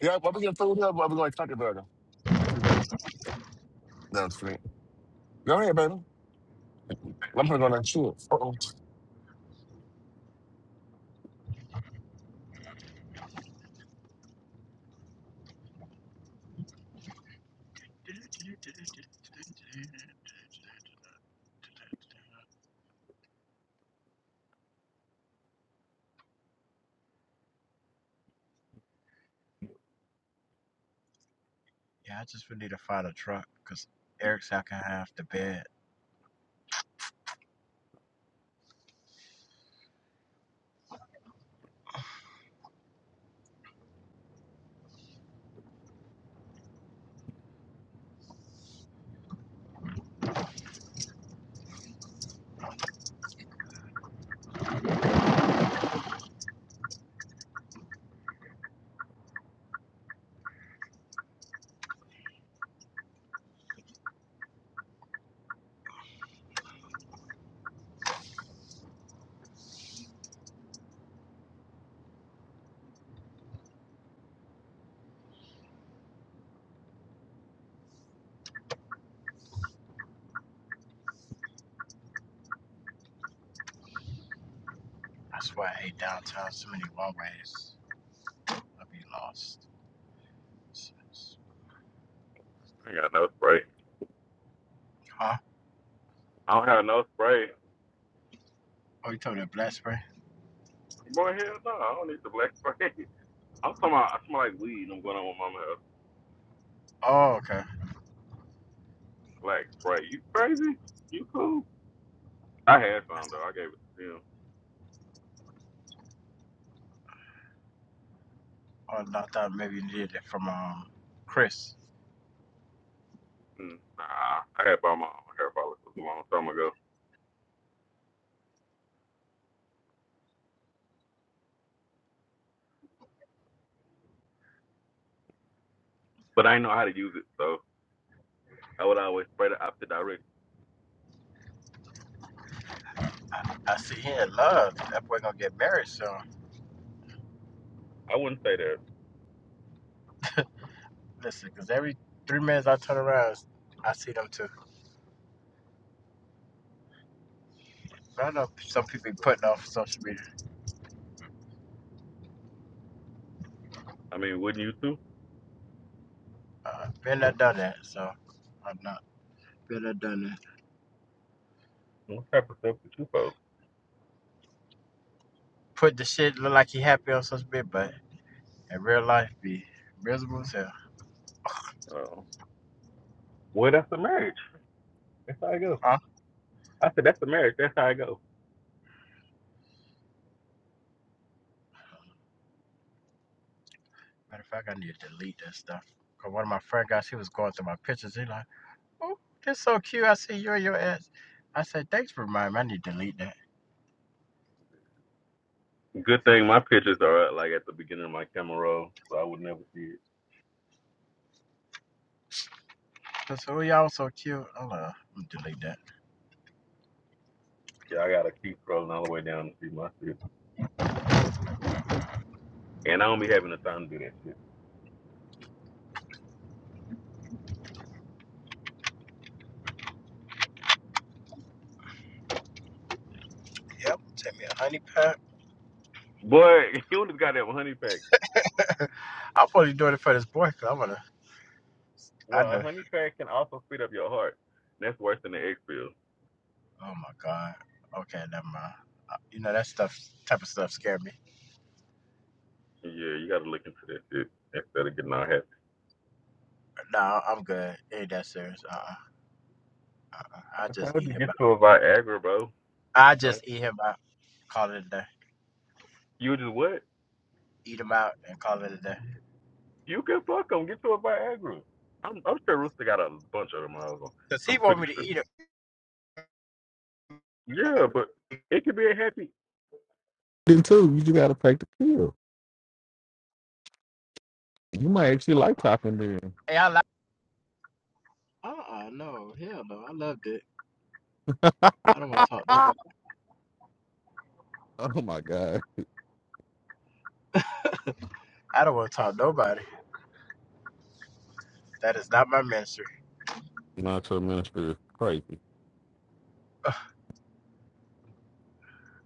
S1: Yeah, I'm gonna get food here, but I'm gonna talk to burger. Thank you, burger. That's sweet. Go ahead, baby. I'm gonna go down and shoot. Uh oh.
S10: Yeah, I just would need to find a truck because Eric's out can have the bed. I swear I hate downtown so many walkways. I'll be lost.
S6: I ain't got no spray.
S10: Huh?
S6: I don't have no spray.
S10: Oh, you told me that black spray?
S6: Boy, hell no, I don't need the black spray. I'm talking about, I smell like weed. I'm going on with mama house.
S10: Oh, okay.
S6: Black spray. You crazy? You cool? I had some though. I gave it to him.
S10: Oh, no, I thought maybe you needed it from um Chris.
S6: Mm, Nah, I had bought my own hair follicles a long time ago, but I didn't know how to use it, so I would always spray the opposite direction.
S10: I, I see he in love. That boy gonna get married soon.
S6: I wouldn't say that.
S10: Listen, because every three minutes I turn around, I see them too. But I know some people be putting off social media.
S6: I mean, wouldn't you too?
S10: Uh, been there, done that, so I'm not. Been there, done that.
S6: What type of stuff did you post?
S10: Put the shit look like he happy on social media, but And real life be miserable as hell.
S6: Uh, well, that's the marriage. That's how I go.
S10: Huh?
S6: I said, that's the marriage. That's how I go.
S10: Matter of fact, I need to delete that stuff. Cause one of my friend guys, he was going through my pictures. He like, oh, this so cute. I see you and your ex. I said, thanks for reminding me. I need to delete that.
S6: Good thing my pictures are uh, like at the beginning of my camera roll, so I would never see it.
S10: He said, oh, y'all so cute. I'm like, gonna delete that.
S6: Yeah, I gotta keep scrolling all the way down to see my shit. And I don't be having the time to do that shit.
S10: Yep, take me a honey pack.
S6: Boy, you only got that honey pack.
S10: I'm probably doing it for this boy. because I'm gonna, I
S6: Well, a
S10: know.
S6: honey pack can also speed up your heart. And that's worse than the egg pill.
S10: Oh my God. Okay, never mind. Uh, You know, that stuff, type of stuff scared me.
S6: Yeah, you gotta look into that shit instead of getting all happy.
S10: Nah, I'm good. It ain't that serious. Uh-uh. I
S6: How
S10: just
S6: would
S10: eat
S6: you
S10: him
S6: get
S10: out.
S6: to a Viagra, bro?
S10: I
S6: Don't
S10: just eat him out. Call it a day.
S6: you just what?
S10: eat them out and call it a day.
S6: You can fuck them. Get to a Viagra. I'm I'm sure Rooster got a bunch of them. Miles.
S10: Cause he
S6: I'm
S10: want
S6: pretty
S10: me to
S6: sure.
S10: eat it.
S6: Yeah, but it could be a happy. Then too, you just gotta take the pill. You might actually like popping
S10: Hey, I like. Uh uh no, hell no, I loved it. I don't want
S6: then.
S10: to talk to nobody.
S6: Oh my God.
S10: I don't want to talk to nobody. That is not my ministry.
S6: Not to ministry is crazy.
S10: Ugh,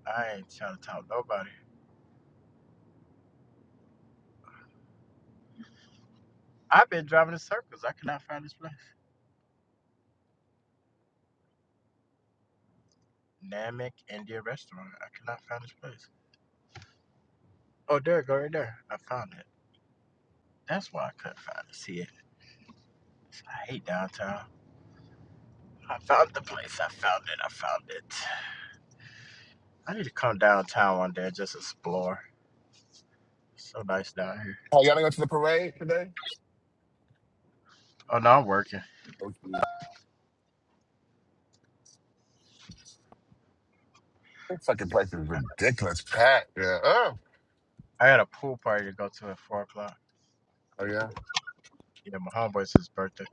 S10: I ain't trying to talk to nobody. I've been driving in circles. I cannot find this place. Namek Indian restaurant. I cannot find this place. Oh, there, it go right there. I found it. That's why I couldn't find it. See it. I hate downtown. I found the place. I found it. I found it. I need to come downtown one day and just explore. It's so nice down here.
S1: Oh, y'all gonna go to the parade today?
S10: Oh no, I'm working.
S1: Okay. That fucking place is ridiculous, packed. Yeah. Oh.
S10: I got a pool party to go to at four o'clock.
S1: Oh yeah.
S10: Yeah, my homeboy's his birthday.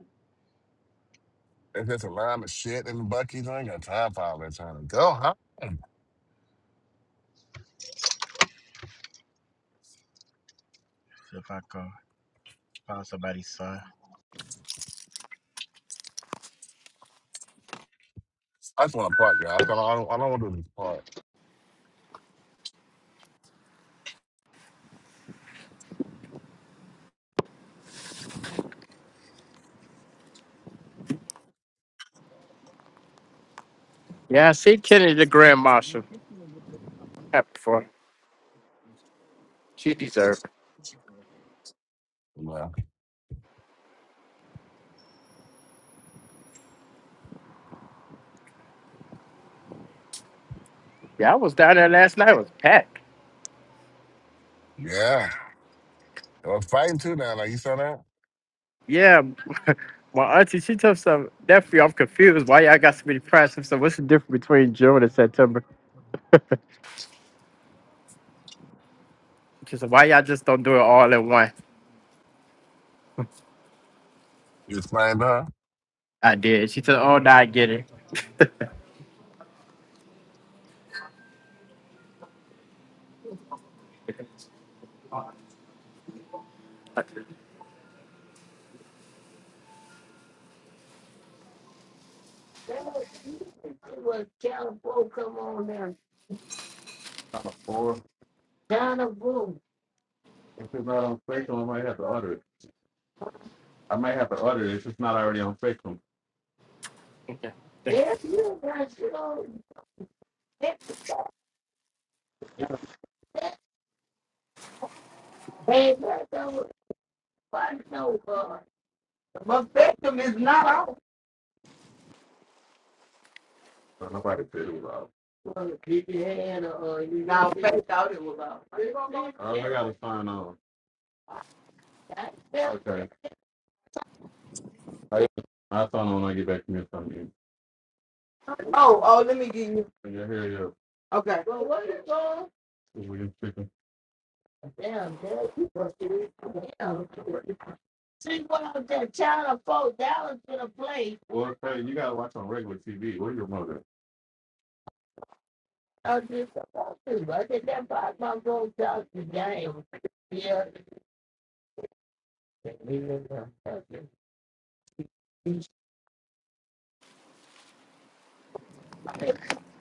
S1: It's just a line of shit in Bucky's. I ain't got time for all that Trying to go, huh?
S10: See if I can find somebody's son.
S1: I just want to park, y'all. So I, don't- I don't want to do this park.
S10: Yeah, I see Kenny the Grand Marshal happy for her. She deserved. it.
S1: Yeah.
S10: Yeah, I was down there last night. It was packed.
S1: Yeah. i Well, fighting too now. Like you saw that?
S10: Yeah, my auntie, she told some nephew, I'm confused. Why y'all got so many prizes? So what's the difference between June and September? She said, why y'all just don't do it all at once?"
S1: You was fighting huh?
S10: I did. She said, oh, now I get it. Okay.
S6: What John four, come on there? John Bull. John Bull. If it's not on Spectrum, I might have to order it. I might have to order it. if It's not already on Spectrum. If you got shit on, it ain't that over. Fuck no God. But Spectrum is not out. Well, Nobody said it was out. Well, keep your hand uh, you now. Faith thought it was out. All I got was sign on. Okay. I got my phone on when I get back from your phone. Oh, oh, let me get you. Yeah, here you go. Okay. Well, what is wrong? William Chicken. Damn, Dad, you must be damn. See what that China four dollars gonna play. Well, hey, you gotta watch on regular TV. Where's your mother? I just about to. I said that box my gold dollars the game. Yeah. He's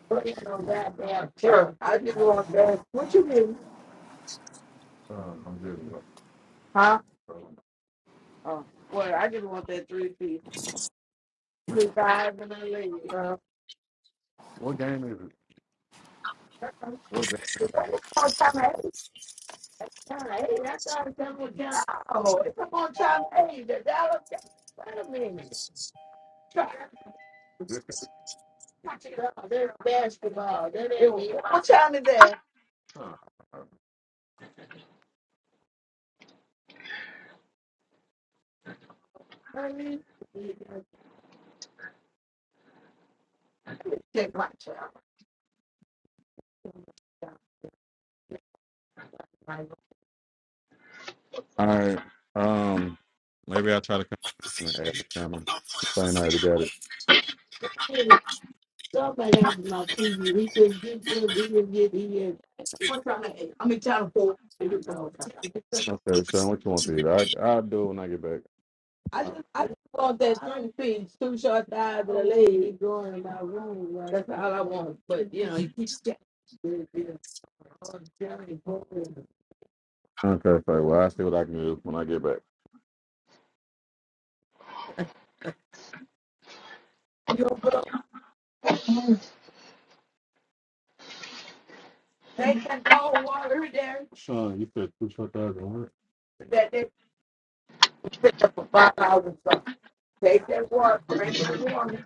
S6: putting on goddamn turf. I just want that. What you mean? Um, I'm good. Huh? Oh, well, I just want that three piece. Two five and a leg. Huh? What's that? It's on time eight. Hey, that's all it's on time. Oh, it's on time eight. The dollar. Wait a minute. Try to catch it up. They're basketball. They're there. What time is that? Huh. I mean, let me check my child. All right. Um, maybe I'll try to come to my app camera. Find out how to get it. Somebody after my TV, he couldn't get this, he didn't get the. I'm trying to, I'm in town for. Okay, Sean, what you want to eat? I I'll do it when I get back. I just, I just want that three piece, two short thighs and a leg. He Going in my room, right? That's all I want, but you know, he keeps checking. Okay, so well, I'll see what I can do when I get back. You don't put on, they can cold water in there, Sean, you said two short thighs thousand, right? that they. said for Five hours. Take that water. Drink that water.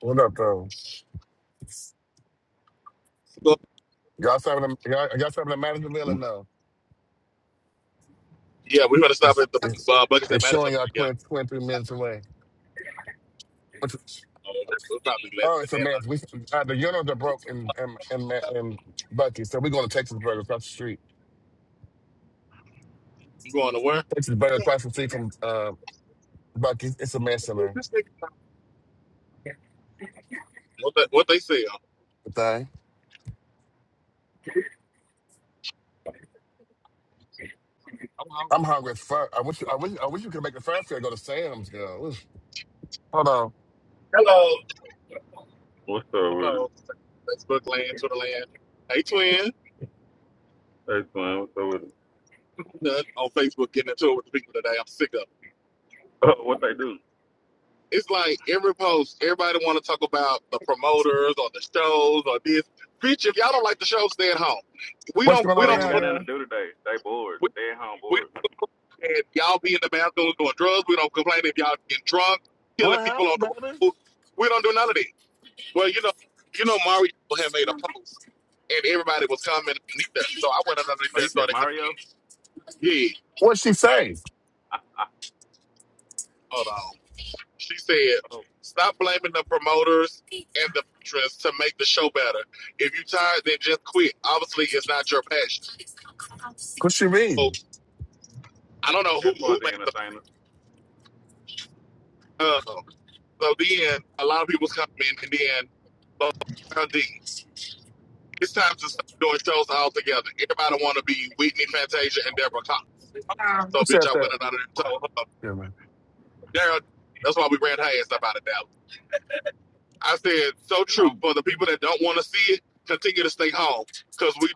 S1: What up, though?
S11: Well,
S1: Y'all serving them? Y'all, y'all serving them manager meal or no?
S11: yeah, we're gonna stop
S1: It's,
S11: at the
S1: it's,
S11: uh, Buckets and
S1: it's
S11: Madison.
S1: showing y'all
S11: Yeah,
S1: 20, twenty-three minutes away. What you-
S11: uh, we're probably less
S1: oh,
S11: than
S1: it's a
S11: that.
S1: mess. We uh, the unos are broke in in in, Ma-
S11: Huh?
S1: in Bucky, so we're going to Texas Burger across the street.
S11: You going to where?
S1: Texas Burger across the street from uh, Bucky. It's a mess in there.
S11: What they, what they say? uh,
S1: The thing.
S11: I'm on,
S1: I'm hungry as fuck. I wish I wish I wish you could make the fire fair go to Sam's, girl. Oof. Hold on.
S12: Hello.
S6: What's up
S11: I'm
S6: with
S11: on
S6: it?
S11: Facebook land, Twitter land. Hey, twin,
S6: Hey, Slim, what's up with it?
S11: you done on Facebook getting into it with the people today. I'm sick of it.
S6: Uh, what they do?
S11: It's like every post, everybody want to talk about the promoters or the shows or this. Bitch, if y'all don't like the show, stay at home. We
S1: What's
S11: don't,
S1: going
S6: 'Cause
S11: we
S1: on
S6: they
S11: don't
S6: ain't
S1: now,
S11: complain.
S6: got nothing to
S1: girl?
S6: do today. They bored. They at home bored.
S11: If y'all be in the bathroom doing drugs, we don't complain if y'all getting drunk, killing
S1: What
S11: people on
S1: happened,
S11: the
S1: baby?
S11: road. We don't do none of that. Well, you know, you know, Mario had made a post and everybody was commenting underneath there. So I went underneath
S6: Oh,
S11: there
S6: you
S11: and
S6: said
S11: started coming. to me.
S6: Mario?
S11: Yeah,
S1: What'd she say?
S6: I,
S11: hold on. She said,
S6: oh,
S11: stop blaming the promoters and the patrons to make the show better. If you tired, then just quit. Obviously, it's not your passion.
S1: What you mean?
S11: So I don't know who
S6: as far
S11: who
S6: as the
S11: made the
S6: entertainers,
S11: um, so then a lot of people was coming in, and then uh, D. It's time to stop doing shows all together. Everybody want to be Whitney Fantasia and Deborah Cox.
S1: Who
S11: So,
S1: said
S11: bitch, I
S1: that?
S11: went another and told her,
S1: Yeah, man.
S11: Daryl, that's why we ran her ass up out of Dallas. I said, so true. For the people that don't want to see it, continue to stay home because we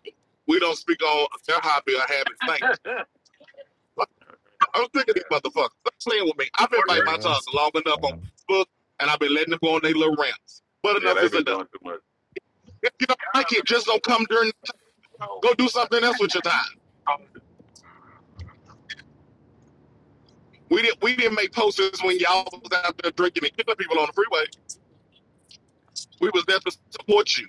S11: we don't speak on their hobby or habit. Thank you. Like, I'm sick of these motherfuckers. Stop playing with me. I've been biting my
S1: Yeah.
S11: tongue long enough on
S1: Um,
S11: Facebook, and I've been letting them go on their little rants. But
S6: yeah,
S11: enough
S6: they
S11: is
S6: been
S11: enough.
S6: doing too much.
S11: If you don't like it, just don't come during. Go do something else with your time. We didn't we didn't make posters when y'all was out there drinking and killing people on the freeway. We was there to support you.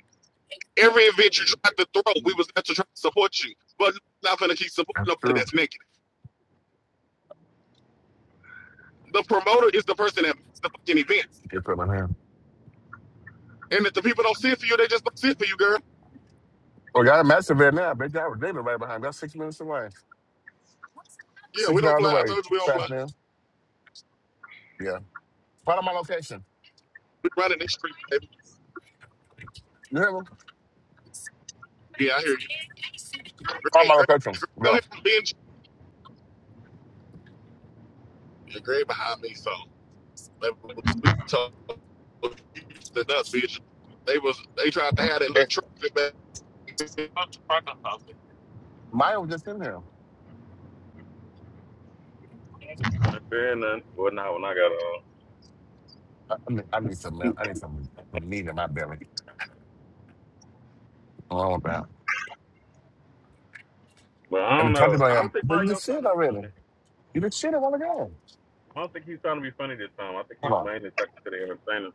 S11: Every event you tried to throw, we was there to try to support you. But not gonna keep supporting nobody that's naked. The promoter is the person that makes the fucking events.
S1: Get put in my hand.
S11: And if the people don't sit for you, they just don't sit for you, girl.
S1: Oh, y'all in Madison right now. Big guy was David right behind. me. That's six minutes away.
S11: Yeah,
S1: Six
S11: we don't
S1: miles
S11: play. I
S1: away.
S11: told you we don't play.
S1: Fast man. Yeah. Find my location.
S11: We running this street, baby.
S1: You hear me?
S11: Yeah, I hear you.
S1: Find
S11: Great,
S1: my
S11: great.
S1: location.
S11: Go
S1: Go.
S11: ahead and binge. You're great behind me, so like, we told Houston up, bitch. They was they tried to have that little
S1: Hey,
S11: trick back
S1: Maya was just in here.
S6: You want to fear nothing? Well, not when I got on.
S1: I, I, need, I need some milk. I need some some meat in my belly. Oh, I want that.
S6: But I
S1: And the
S6: don't
S1: country
S6: know. I
S1: boy,
S6: don't
S1: um,
S6: think
S1: but you
S6: Mario's
S1: just
S6: trying
S1: shit
S6: to be funny.
S1: already. You just shit a while ago.
S6: I don't think he's trying to be funny this time. I think he
S1: Hold
S6: was
S1: on.
S6: mainly talking to the entertainers.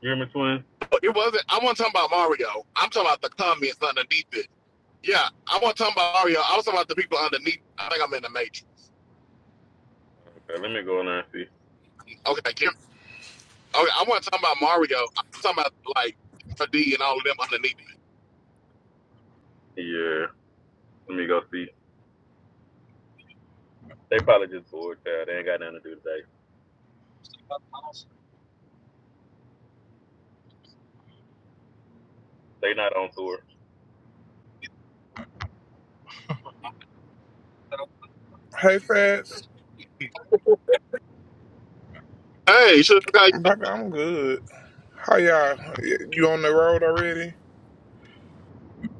S6: You hear me, twin?
S11: It wasn't. I wasn't talking about Mario. I'm talking about the comments underneath it. Yeah, I wasn't talking about Mario. I was talking about the people underneath. I think I'm in the matrix.
S6: Okay, let me go in there and see.
S11: Okay, okay. I wasn't talking about Mario. I was talking about like D and all of them underneath.
S6: Yeah, let me go see. They probably just bored, child. They ain't got nothing to do today.
S11: it.
S6: They not on tour.
S2: Hey, Fats.
S11: Hey, so how you
S2: Baby,
S11: doing?
S2: I'm good. How y'all? You on the road already?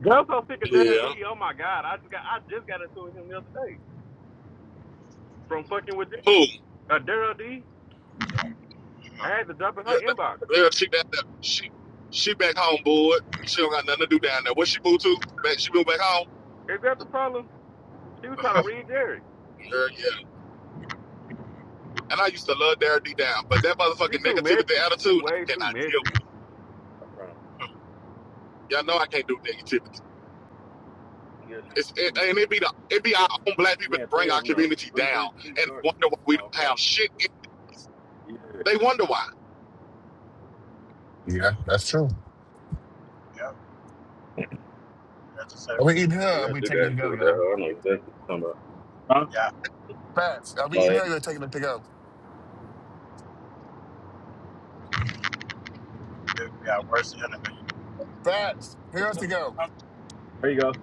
S6: Gun's so sick of Daryl D.
S11: Yeah.
S6: Oh my god, I just got I just got into him the other day from fucking with
S11: Who?
S6: uh, Daryl D. I had to drop in her
S11: Yeah,
S6: inbox.
S11: yeah, she down there. She she back home, boy. She don't got nothing to do down there. What she moved to? Back she moved back home?
S6: Is that the problem? She was trying to read Jerry.
S11: Yeah, yeah. And I used to love Derek D down, but that
S6: She's
S11: motherfucking
S6: too
S11: negativity
S6: messy. She
S11: attitude, I
S6: way too
S11: cannot deal with it.
S6: messy.
S11: Y'all know I can't do negativity.
S6: Yeah, she's
S11: It's,
S6: too
S11: it, and
S6: messy.
S11: it be the, it be our own black people
S6: Yeah,
S11: that bring
S6: three of
S11: our
S6: them though.
S11: community
S6: Three,
S11: down
S6: three, three,
S11: and
S6: sorry.
S11: wonder why we
S6: Small
S11: don't
S6: fry.
S11: have shit. In us.
S6: Yeah,
S11: They wonder why.
S1: Yeah, that's true.
S10: Yep, that's the same.
S1: Are we eating here? Or
S6: like,
S1: are
S6: I
S1: we
S6: just
S1: taking it
S6: got
S1: to
S6: into
S1: go,
S6: it with that.
S1: y'all?
S6: I don't know exactly what you're talking about. Huh?
S10: Yeah,
S1: Fats. Are we eating here?
S6: Like,
S1: Or are we taking it to go?
S10: we we are worse enemies.
S1: Facts. here to go.
S6: there you go.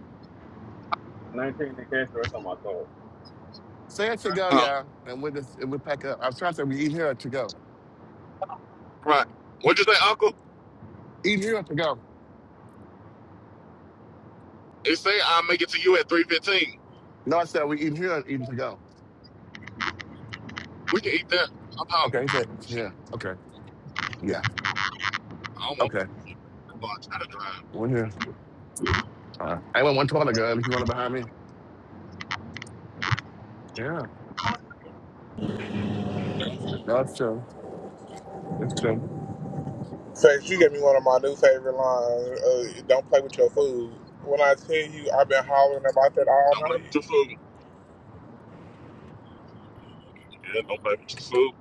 S6: 19 in cancer. That's on my soul.
S1: Say it to go,
S11: Uh,
S1: y'all. And we'll just we'll pack up. I was trying to say we eat here to go.
S11: right. What'd you say, Uncle?
S1: Eat here to go.
S11: It say I'll make it to you at three fifteen.
S1: No, I said we eat here and eat to go.
S11: We can eat that. I'm hungry.
S1: Okay, he said,
S11: Shit,
S1: yeah. Okay. Yeah.
S11: I don't want
S1: Okay.
S11: to. Well, I try to drive.
S1: We're here. All right. I went one taller girl if you want to behind me. Yeah. No, it's true. It's true.
S2: Face, you gave me one of my new favorite lines. Uh, don't play with your food. When I tell you, I've been hollering about that all
S11: Don't blame
S2: night.
S11: your food. Yeah, don't blame your food.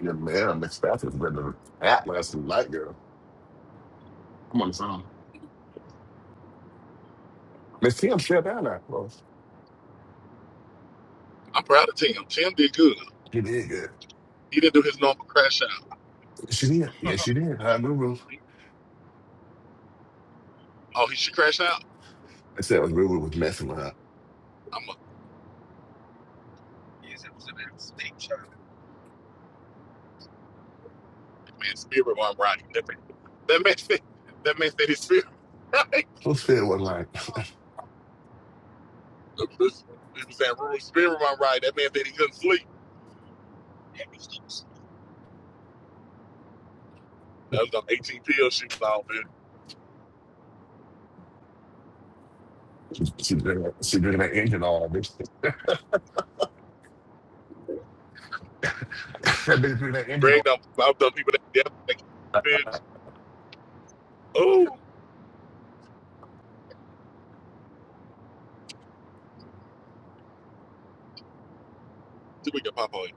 S1: Yeah, man, Miss Fath is better than Atlas and Light Girl. I'm on the song. Miss Tim shut down that. Well,
S11: I'm proud of Tim. Tim did good.
S1: she did good.
S11: He didn't do his normal crash out.
S1: She did. Yeah, she did. Her Guru.
S11: Oh, he should crash out.
S1: I said Guru was messing with her.
S11: I'm a. Yes, it was a mistake. man, spirit one right. That makes that it that makes that his spirit right.
S1: Who said was like
S11: This- People saying spirit one right. That man said he couldn't sleep. That was on eighteen pills she was on, man.
S1: she she did she did that engine all. that bitch threw that engine on.
S11: Greg done I've done people that death like bitch. Oh see we can pop on you.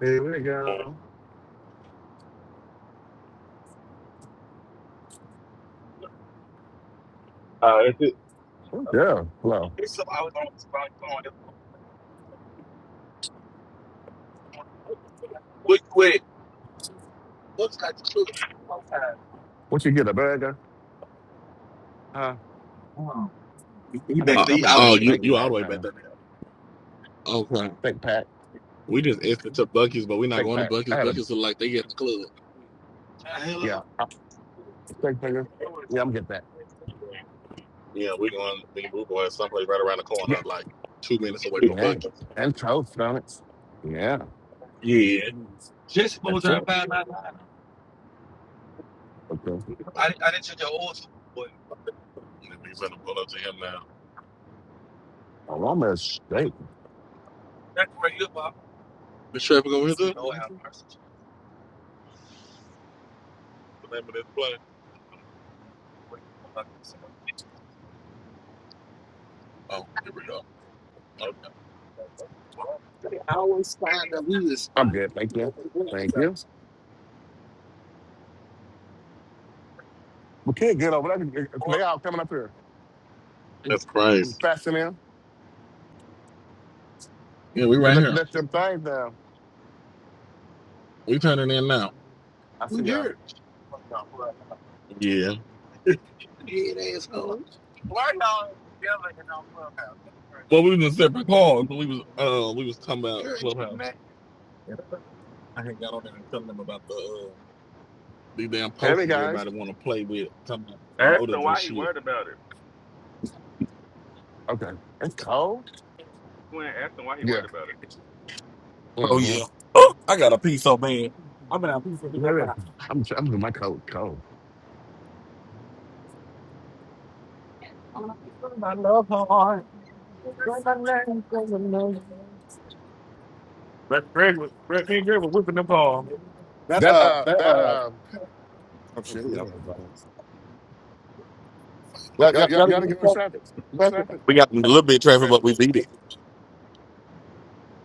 S1: Here we go.
S6: Uh, that's it.
S1: Yeah, well,
S11: There's something I was on this right phone. What wait, what's got you?
S1: what you get a burger? Huh? I know I'm gonna
S11: Back
S1: get,
S11: there,
S1: I'm gonna get
S11: I
S1: that
S11: was- Oh, you
S1: steak
S11: you all
S1: pack,
S11: the way back
S1: huh?
S11: there now. Okay.
S1: Steak pack.
S11: We just asked it to Bucky's, but we're not
S1: Steak
S11: going to
S1: pack.
S11: Bucky's.
S1: I had a
S11: Bucky's look like they get the club.
S1: yeah, uh, steak finger. Yeah, I'm gonna get that.
S11: Yeah, we're going we can move away someplace right around the corner,
S1: Yeah,
S11: like two minutes away from
S1: yeah,
S11: Bucky.
S1: and toast on it. Yeah,
S11: Yeah. Just was
S1: that's it.
S11: trying to find out.
S1: Okay,
S11: I, I didn't check your old too, boy. And then we better pull up to him now.
S1: aroma is steak.
S11: That's where you are. The traffic over here, too? Oh, have mercy. What's the name of this play? Um, wait, hold on. Oh, here we go. Okay. I always find the music
S1: I'm
S11: spot.
S1: good. Thank
S11: You know,
S1: you.
S11: for the women's
S1: Thank
S11: side.
S1: you. We can't get over there. They all coming up here. It-
S11: That's crazy.
S1: We Fasten in.
S11: Yeah, we right
S1: Let
S11: here.
S1: let them things down.
S11: We turning in now.
S1: I see
S11: We
S1: ya.
S11: here. Yeah. Dead asshole. Why y'all yelling? Well, we was in separate calls, but we was uh we was talking about You're Clubhouse. mad. I had got on there and telling them about the uh, these damn
S1: Hey
S11: posters
S1: guys.
S11: everybody want to play with, talking about
S6: Ask him
S11: promoters and
S6: why he
S11: shit.
S6: worried about it.
S1: Okay, it's cold.
S6: When ask him why he
S1: Yeah.
S6: worried about it.
S11: Oh
S1: hmm
S11: yeah. Oh, I got a piece of man. I'm gonna have a piece of it up. I-
S1: I'm I'm with my coat cold.
S11: I'm gonna put my love heart. Like my name from the nose. That's Greg was Greg me and Greg was whipping them palm. That
S1: That
S11: uh
S1: uh
S11: that
S1: that
S11: uh
S1: uh.
S11: I'm
S1: I'm
S11: sure we got
S1: serious, I'm
S11: y'all,
S1: okay. Y'all, y'all, y'all didn't go to traffic. No traffic.
S11: we got a little bit of traffic, but we beat it.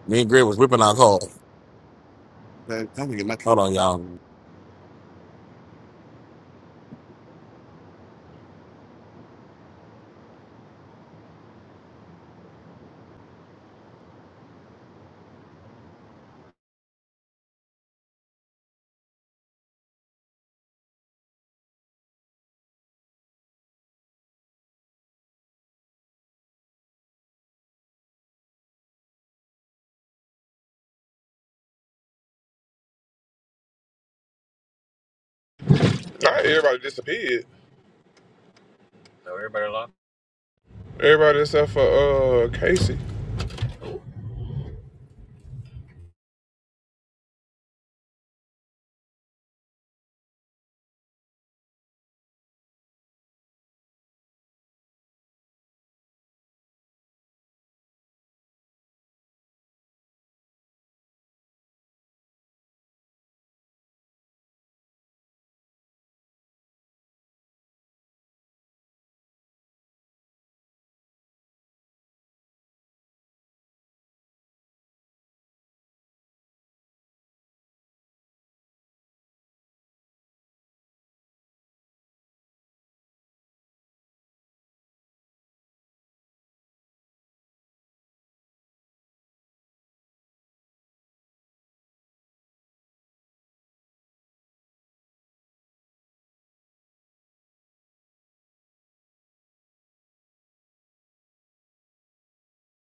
S11: Me and Greg was whipping our car. Man, I'm gonna get my Hold on, y'all.
S2: Not everybody disappeared. Everybody except for uh Casey.